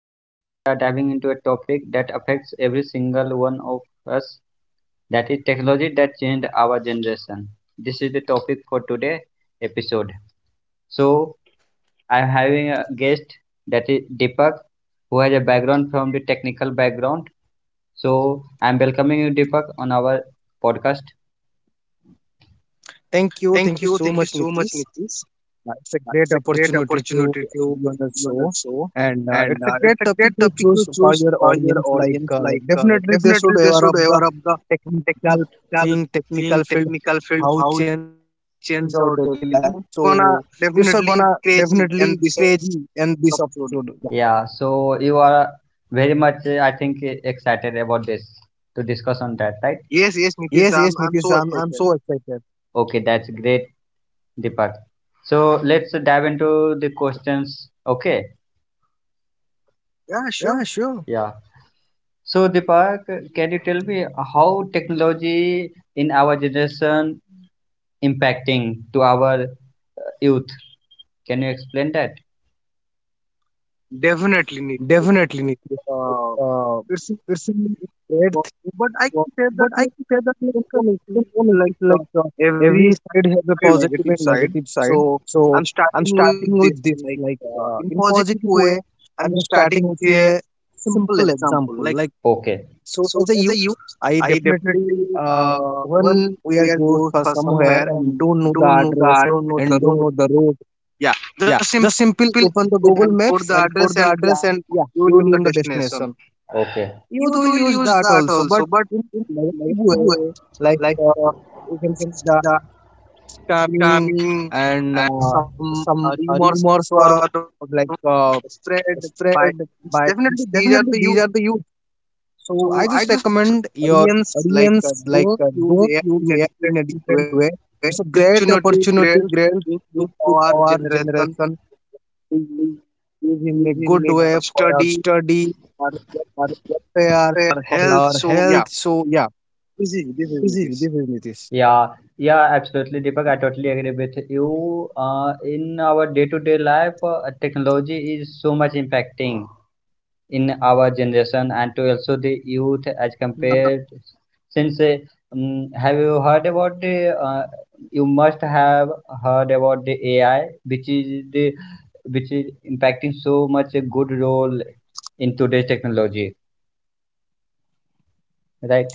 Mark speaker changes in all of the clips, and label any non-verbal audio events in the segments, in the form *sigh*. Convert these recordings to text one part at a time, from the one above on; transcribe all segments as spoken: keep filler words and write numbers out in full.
Speaker 1: and today we are diving into a topic that affects every single one of us, that is technology that changed our generation. This is the topic for today episode. So, I am having a guest, that is Deepak, who has a background from the technical background. So, I am welcoming you Deepak on our podcast.
Speaker 2: Thank you. Thank
Speaker 1: Thank
Speaker 2: you so
Speaker 1: you. Thank
Speaker 2: much,
Speaker 1: you so much,
Speaker 2: Nitish.
Speaker 1: Nitish.
Speaker 2: Uh, It's a
Speaker 1: Uh,
Speaker 2: great
Speaker 1: It's a great
Speaker 2: opportunity to
Speaker 1: opportunity to
Speaker 2: be on the
Speaker 1: be on the
Speaker 2: show.
Speaker 1: show,
Speaker 2: And uh,
Speaker 1: and
Speaker 2: it's a
Speaker 1: uh,
Speaker 2: great
Speaker 1: it's a
Speaker 2: topic
Speaker 1: great
Speaker 2: you
Speaker 1: topic to
Speaker 2: choose for
Speaker 1: choose
Speaker 2: your
Speaker 1: for your
Speaker 2: audience. Like,
Speaker 1: audience.
Speaker 2: uh,
Speaker 1: Like, uh,
Speaker 2: definitely, they
Speaker 1: definitely,
Speaker 2: should
Speaker 1: they
Speaker 2: aware
Speaker 1: should
Speaker 2: of the
Speaker 1: aware of the technical thing,
Speaker 2: technical
Speaker 1: technical field,
Speaker 2: thing,
Speaker 1: how it
Speaker 2: technical field, how
Speaker 1: change
Speaker 2: change
Speaker 1: our
Speaker 2: our daily
Speaker 1: daily
Speaker 2: life.
Speaker 1: life. Gonna
Speaker 2: So, it's a
Speaker 1: definitely
Speaker 2: gonna
Speaker 1: crazy in
Speaker 2: definitely
Speaker 1: this
Speaker 2: crazy in this
Speaker 1: episode.
Speaker 2: episode. Yeah.
Speaker 1: Yeah. Yeah, so you are very much, uh, I think, e- excited about this to discuss on that, right? Yes, yes, Nitish, I'm I'm
Speaker 2: Yes,
Speaker 1: so
Speaker 2: yes, Nitish.
Speaker 1: excited.
Speaker 2: I'm, I'm so excited.
Speaker 1: Okay, that's great. Deepak. So let's dive into the questions. Okay. Yeah, sure.
Speaker 2: Yeah,
Speaker 1: Yeah.
Speaker 2: sure.
Speaker 1: So Deepak, can you tell me how technology in our generation impacting to our youth? Can you explain that? Definitely,
Speaker 2: Definitely,
Speaker 1: Nikhil.
Speaker 2: Nitish. Like,
Speaker 1: Uh,
Speaker 2: Uh,
Speaker 1: it's
Speaker 2: it's a great thing.
Speaker 1: but
Speaker 2: for-
Speaker 1: I can
Speaker 2: But
Speaker 1: say
Speaker 2: I
Speaker 1: that
Speaker 2: can say
Speaker 1: like
Speaker 2: that
Speaker 1: uh,
Speaker 2: like
Speaker 1: in
Speaker 2: uh,
Speaker 1: all
Speaker 2: you know,
Speaker 1: instances,
Speaker 2: Nitish,
Speaker 1: like
Speaker 2: like
Speaker 1: uh,
Speaker 2: uh, every
Speaker 1: every
Speaker 2: side has a
Speaker 1: very
Speaker 2: positive and
Speaker 1: negative
Speaker 2: negative
Speaker 1: side.
Speaker 2: side.
Speaker 1: So
Speaker 2: So
Speaker 1: I'm
Speaker 2: I'm
Speaker 1: starting
Speaker 2: starting
Speaker 1: with
Speaker 2: with
Speaker 1: this,
Speaker 2: this
Speaker 1: like
Speaker 2: like
Speaker 1: uh,
Speaker 2: uh,
Speaker 1: in
Speaker 2: in
Speaker 1: positive
Speaker 2: positive
Speaker 1: way.
Speaker 2: way.
Speaker 1: I'm
Speaker 2: I'm
Speaker 1: just
Speaker 2: just
Speaker 1: starting
Speaker 2: starting
Speaker 1: with
Speaker 2: with
Speaker 1: a
Speaker 2: a
Speaker 1: simple
Speaker 2: simple
Speaker 1: example.
Speaker 2: example.
Speaker 1: Like
Speaker 2: Like
Speaker 1: okay,
Speaker 2: so,
Speaker 1: so,
Speaker 2: as a
Speaker 1: as a
Speaker 2: youth,
Speaker 1: youth,
Speaker 2: I
Speaker 1: I
Speaker 2: definitely
Speaker 1: definitely
Speaker 2: uh,
Speaker 1: uh,
Speaker 2: when
Speaker 1: when
Speaker 2: we
Speaker 1: we
Speaker 2: are
Speaker 1: are
Speaker 2: go
Speaker 1: go
Speaker 2: for
Speaker 1: for
Speaker 2: somewhere
Speaker 1: somewhere
Speaker 2: and
Speaker 1: and
Speaker 2: don't know the
Speaker 1: don't know the
Speaker 2: address
Speaker 1: I don't know the
Speaker 2: and don't
Speaker 1: road.
Speaker 2: know the road,
Speaker 1: Yeah,
Speaker 2: yeah,
Speaker 1: just simple
Speaker 2: just simple open the
Speaker 1: Google
Speaker 2: Google
Speaker 1: and put
Speaker 2: Maps
Speaker 1: the
Speaker 2: and
Speaker 1: address,
Speaker 2: put the
Speaker 1: and yeah,
Speaker 2: address, and yeah,
Speaker 1: you
Speaker 2: you
Speaker 1: will in
Speaker 2: will
Speaker 1: the
Speaker 2: in the
Speaker 1: destination.
Speaker 2: destination.
Speaker 1: Okay.
Speaker 2: Youth
Speaker 1: Youth
Speaker 2: will
Speaker 1: will
Speaker 2: use
Speaker 1: use
Speaker 2: that
Speaker 1: that
Speaker 2: also, but
Speaker 1: also, but
Speaker 2: in
Speaker 1: in
Speaker 2: negative
Speaker 1: negative
Speaker 2: way,
Speaker 1: way,
Speaker 2: like
Speaker 1: like
Speaker 2: uh,
Speaker 1: uh,
Speaker 2: you can
Speaker 1: you can
Speaker 2: see
Speaker 1: see
Speaker 2: the
Speaker 1: the
Speaker 2: scamming
Speaker 1: scamming
Speaker 2: and
Speaker 1: and
Speaker 2: uh,
Speaker 1: some
Speaker 2: some
Speaker 1: uh,
Speaker 2: uh,
Speaker 1: rumors
Speaker 2: rumors
Speaker 1: were
Speaker 2: were like uh,
Speaker 1: spread by,
Speaker 2: spread
Speaker 1: it's
Speaker 2: by.
Speaker 1: definitely
Speaker 2: It's
Speaker 1: these are
Speaker 2: definitely,
Speaker 1: the
Speaker 2: these
Speaker 1: youth,
Speaker 2: are the youth.
Speaker 1: so
Speaker 2: So I
Speaker 1: I
Speaker 2: just
Speaker 1: just
Speaker 2: recommend your
Speaker 1: audience, like uh,
Speaker 2: audience like
Speaker 1: don't
Speaker 2: uh,
Speaker 1: use
Speaker 2: don't
Speaker 1: AI
Speaker 2: use
Speaker 1: in a
Speaker 2: A I in a
Speaker 1: destructive
Speaker 2: different
Speaker 1: way,
Speaker 2: way. It's a great
Speaker 1: opportunity
Speaker 2: opportunity,
Speaker 1: grants
Speaker 2: great
Speaker 1: to
Speaker 2: gift to
Speaker 1: our generation
Speaker 2: our generation
Speaker 1: to
Speaker 2: we use in a
Speaker 1: use
Speaker 2: good
Speaker 1: in our
Speaker 2: way for our
Speaker 1: study,
Speaker 2: study,
Speaker 1: our
Speaker 2: our
Speaker 1: welfare,
Speaker 2: welfare,
Speaker 1: our
Speaker 2: for
Speaker 1: health.
Speaker 2: our
Speaker 1: So yeah,
Speaker 2: health. So yeah,
Speaker 1: this is this is
Speaker 2: this
Speaker 1: Nitish.
Speaker 2: is this is Nitish.
Speaker 1: Yeah, yeah, absolutely, Deepak. I totally agree with you. Uh, in our day-to-day life, uh, technology is so much impacting in our generation and to also the
Speaker 2: Yeah,
Speaker 1: youth as compared. Since, uh, um, have you heard about the? Uh, you must have heard about the A I, which is the, which is impacting so much a good role in today's technology, right?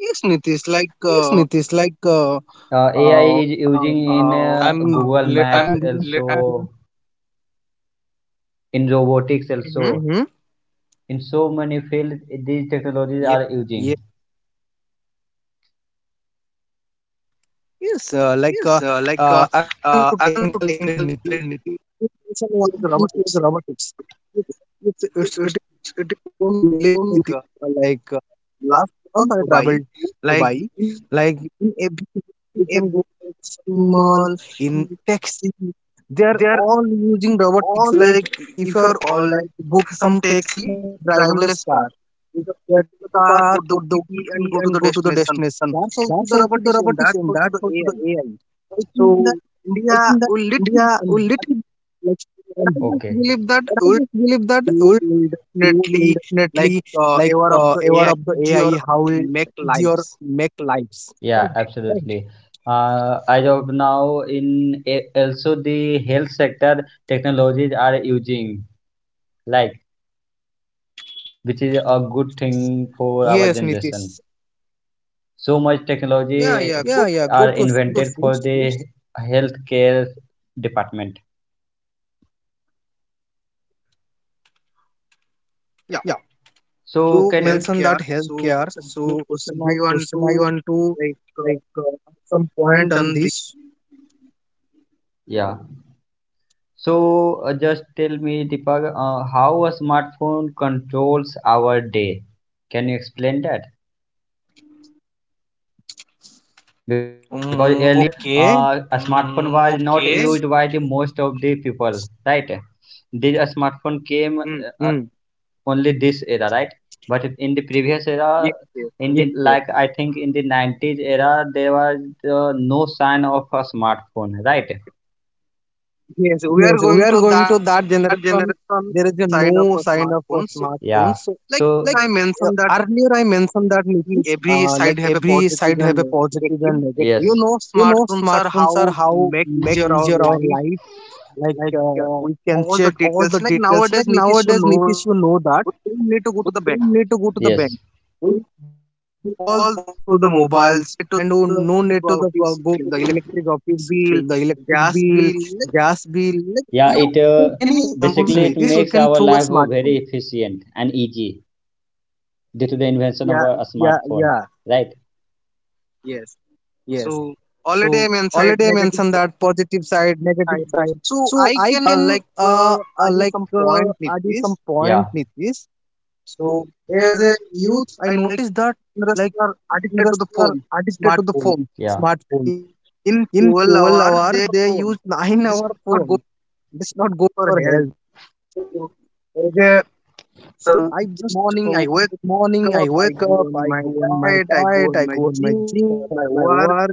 Speaker 1: Yes, Nitish, like
Speaker 2: yes,
Speaker 1: uh,
Speaker 2: Nitish. Like uh,
Speaker 1: Uh, A I is
Speaker 2: uh
Speaker 1: using
Speaker 2: um,
Speaker 1: in Uh, uh,
Speaker 2: I'm
Speaker 1: Google
Speaker 2: le-
Speaker 1: Maps I'm.
Speaker 2: I'm belongs-
Speaker 1: Li- also, I'm also in robotics, mhm, also
Speaker 2: Mhm.
Speaker 1: in so many fields these technologies Ye- are using.
Speaker 2: Yeah, yes, uh,
Speaker 1: Yes,
Speaker 2: like
Speaker 1: uh,
Speaker 2: uh,
Speaker 1: like uh,
Speaker 2: uh, I'm
Speaker 1: uh,
Speaker 2: belongs to
Speaker 1: I'm not
Speaker 2: technical
Speaker 1: too technical
Speaker 2: field,
Speaker 1: in
Speaker 2: Nitish.
Speaker 1: it.
Speaker 2: One
Speaker 1: It's
Speaker 2: thing is
Speaker 1: robotics.
Speaker 2: robotics.
Speaker 1: It's
Speaker 2: It's it's
Speaker 1: it's
Speaker 2: you
Speaker 1: it is
Speaker 2: won't believe me,
Speaker 1: going like, uh,
Speaker 2: Tika, like uh, last
Speaker 1: last
Speaker 2: month I
Speaker 1: month by
Speaker 2: traveled to
Speaker 1: like
Speaker 2: Dubai.
Speaker 1: in
Speaker 2: Like in every you
Speaker 1: a
Speaker 2: can
Speaker 1: book,
Speaker 2: go to the shopping mall,
Speaker 1: small.
Speaker 2: in taxi, they are
Speaker 1: There
Speaker 2: all using robotics.
Speaker 1: or
Speaker 2: Like
Speaker 1: like
Speaker 2: if you
Speaker 1: if
Speaker 2: are
Speaker 1: you're
Speaker 2: all
Speaker 1: or
Speaker 2: like
Speaker 1: like
Speaker 2: book
Speaker 1: book
Speaker 2: some
Speaker 1: some
Speaker 2: taxi,
Speaker 1: taxi,
Speaker 2: there is driverless
Speaker 1: driverless
Speaker 2: car.
Speaker 1: car,
Speaker 2: You
Speaker 1: you just
Speaker 2: just
Speaker 1: get
Speaker 2: get
Speaker 1: the
Speaker 2: into the
Speaker 1: car,
Speaker 2: car,
Speaker 1: put the
Speaker 2: put the
Speaker 1: O P T and
Speaker 2: O T P,
Speaker 1: go to
Speaker 2: and
Speaker 1: the
Speaker 2: go to the
Speaker 1: destination.
Speaker 2: destination.
Speaker 1: That's also
Speaker 2: That's
Speaker 1: the
Speaker 2: also the
Speaker 1: robotics and
Speaker 2: robotics,
Speaker 1: that's
Speaker 2: and
Speaker 1: also
Speaker 2: that's
Speaker 1: the
Speaker 2: also
Speaker 1: AI.
Speaker 2: the
Speaker 1: i
Speaker 2: A I.
Speaker 1: I think
Speaker 2: So
Speaker 1: that india
Speaker 2: I think that
Speaker 1: will little bit
Speaker 2: India
Speaker 1: in
Speaker 2: will
Speaker 1: that,
Speaker 2: little bit like
Speaker 1: but I just
Speaker 2: and
Speaker 1: okay believe
Speaker 2: but
Speaker 1: that
Speaker 2: I just
Speaker 1: will
Speaker 2: believe that will
Speaker 1: will
Speaker 2: we will
Speaker 1: definitely like
Speaker 2: definitely
Speaker 1: uh,
Speaker 2: like
Speaker 1: ever of
Speaker 2: uh,
Speaker 1: the
Speaker 2: aware
Speaker 1: AI
Speaker 2: of the
Speaker 1: easier
Speaker 2: A I, how it
Speaker 1: make lives.
Speaker 2: easier make lives.
Speaker 1: Yeah, okay, absolutely.
Speaker 2: Right?
Speaker 1: Uh, as of now, in a- also the health sector, technologies are using, like, which is a good thing for our
Speaker 2: Yes,
Speaker 1: generation.
Speaker 2: Nitish.
Speaker 1: So much, yeah, technology, yeah,
Speaker 2: Yeah,
Speaker 1: good,
Speaker 2: yeah.
Speaker 1: are
Speaker 2: Good
Speaker 1: good,
Speaker 2: question,
Speaker 1: invented for,
Speaker 2: Nitish.
Speaker 1: yes, the healthcare department.
Speaker 2: Yeah,
Speaker 1: Yeah, so
Speaker 2: you
Speaker 1: can you?
Speaker 2: mentioned that
Speaker 1: Healthcare. So
Speaker 2: healthcare,
Speaker 1: it's a good
Speaker 2: so it's a
Speaker 1: question. I
Speaker 2: good
Speaker 1: want
Speaker 2: question.
Speaker 1: to
Speaker 2: I want to
Speaker 1: like uh,
Speaker 2: like uh, add some
Speaker 1: some
Speaker 2: point
Speaker 1: point
Speaker 2: on
Speaker 1: on the.
Speaker 2: this.
Speaker 1: Yeah. So uh, just tell me, Deepak, uh, how a smartphone controls our day? Can you explain that? Because
Speaker 2: Um,
Speaker 1: earlier uh,
Speaker 2: okay.
Speaker 1: a smartphone, mm, was not okay used by the most of the people, right? This uh, smartphone came, mm, uh, uh,
Speaker 2: Mm.
Speaker 1: only this era, right? But if in the previous, yes, era, yes, yes, in
Speaker 2: Yes,
Speaker 1: the
Speaker 2: yes.
Speaker 1: like I think in the nineties era, there was uh, no sign of a smartphone, right? Yes, we are
Speaker 2: Yes, we
Speaker 1: going
Speaker 2: are
Speaker 1: to
Speaker 2: going
Speaker 1: that
Speaker 2: to that generation.
Speaker 1: generation,
Speaker 2: There is a
Speaker 1: sign up
Speaker 2: no
Speaker 1: for
Speaker 2: sign of a
Speaker 1: smartphones. So,
Speaker 2: smartphone.
Speaker 1: yeah,
Speaker 2: So,
Speaker 1: like so
Speaker 2: like
Speaker 1: I
Speaker 2: uh,
Speaker 1: mentioned that
Speaker 2: earlier, I mentioned that Nitish,
Speaker 1: every
Speaker 2: uh, like
Speaker 1: side have a
Speaker 2: every
Speaker 1: positive
Speaker 2: side have
Speaker 1: and
Speaker 2: a
Speaker 1: negative.
Speaker 2: positive
Speaker 1: You
Speaker 2: and
Speaker 1: yes
Speaker 2: negative.
Speaker 1: know
Speaker 2: You know,
Speaker 1: smartphones are how
Speaker 2: smartphones are how
Speaker 1: make
Speaker 2: make
Speaker 1: easier our
Speaker 2: easier our
Speaker 1: life,
Speaker 2: life. Like
Speaker 1: like
Speaker 2: uh,
Speaker 1: uh,
Speaker 2: we can
Speaker 1: all the
Speaker 2: check all
Speaker 1: details,
Speaker 2: the
Speaker 1: like
Speaker 2: details. Like
Speaker 1: nowadays nitish you
Speaker 2: nowadays,
Speaker 1: know
Speaker 2: Nitish, you know that
Speaker 1: we don't need to go
Speaker 2: we
Speaker 1: to the bank.
Speaker 2: don't need to go to the
Speaker 1: Yes,
Speaker 2: bank. We
Speaker 1: we
Speaker 2: do all
Speaker 1: do all
Speaker 2: the work
Speaker 1: to
Speaker 2: through
Speaker 1: the
Speaker 2: the
Speaker 1: mobile,
Speaker 2: mobiles
Speaker 1: set to
Speaker 2: and no
Speaker 1: the
Speaker 2: no need to the
Speaker 1: office,
Speaker 2: uh, go to
Speaker 1: the
Speaker 2: the
Speaker 1: electric
Speaker 2: electric office, fill
Speaker 1: bill,
Speaker 2: the electric
Speaker 1: gas
Speaker 2: bill,
Speaker 1: bill, like
Speaker 2: gas bill. Like
Speaker 1: yeah,
Speaker 2: you
Speaker 1: it uh,
Speaker 2: take
Speaker 1: any
Speaker 2: any examples,
Speaker 1: basically compulsion, it nitish
Speaker 2: Nitish, we
Speaker 1: makes
Speaker 2: can
Speaker 1: our
Speaker 2: through a
Speaker 1: life uh, very
Speaker 2: smartphone.
Speaker 1: efficient and easy due to the invention of, yeah, a, a
Speaker 2: Yeah,
Speaker 1: smartphone,
Speaker 2: yeah,
Speaker 1: right? Yes.
Speaker 2: yes.
Speaker 1: So already
Speaker 2: So
Speaker 1: I'm inside
Speaker 2: already I
Speaker 1: negative
Speaker 2: mentioned that positive side, negative
Speaker 1: side.
Speaker 2: side.
Speaker 1: So
Speaker 2: So
Speaker 1: I
Speaker 2: I
Speaker 1: can uh,
Speaker 2: can
Speaker 1: like uh,
Speaker 2: uh, uh
Speaker 1: add you
Speaker 2: like
Speaker 1: some point,
Speaker 2: uh, add you
Speaker 1: Nitish.
Speaker 2: some
Speaker 1: Yeah,
Speaker 2: point, Nitish.
Speaker 1: so
Speaker 2: So
Speaker 1: as
Speaker 2: as
Speaker 1: a
Speaker 2: a youth,
Speaker 1: youth,
Speaker 2: I
Speaker 1: I know like
Speaker 2: noticed that
Speaker 1: others
Speaker 2: like
Speaker 1: are addicted to
Speaker 2: generation
Speaker 1: the
Speaker 2: are
Speaker 1: phone,
Speaker 2: addicted to the
Speaker 1: smartphone,
Speaker 2: phone,
Speaker 1: yeah.
Speaker 2: smartphone.
Speaker 1: In in
Speaker 2: In
Speaker 1: 12
Speaker 2: 12
Speaker 1: hour,
Speaker 2: hour,
Speaker 1: they
Speaker 2: they use
Speaker 1: phone.
Speaker 2: *laughs* 9
Speaker 1: This
Speaker 2: hour
Speaker 1: is not good
Speaker 2: phone. It's not good
Speaker 1: for
Speaker 2: for
Speaker 1: health.
Speaker 2: health. So,
Speaker 1: So,
Speaker 2: as a
Speaker 1: as so
Speaker 2: person, I just
Speaker 1: morning,
Speaker 2: oh,
Speaker 1: I wake
Speaker 2: morning I
Speaker 1: up, I
Speaker 2: wake
Speaker 1: go
Speaker 2: up,
Speaker 1: on
Speaker 2: I
Speaker 1: my
Speaker 2: go on my
Speaker 1: diet, I go
Speaker 2: diet,
Speaker 1: on
Speaker 2: I
Speaker 1: my
Speaker 2: go on my
Speaker 1: gym, uh,
Speaker 2: gym,
Speaker 1: my
Speaker 2: uh, my
Speaker 1: work.
Speaker 2: work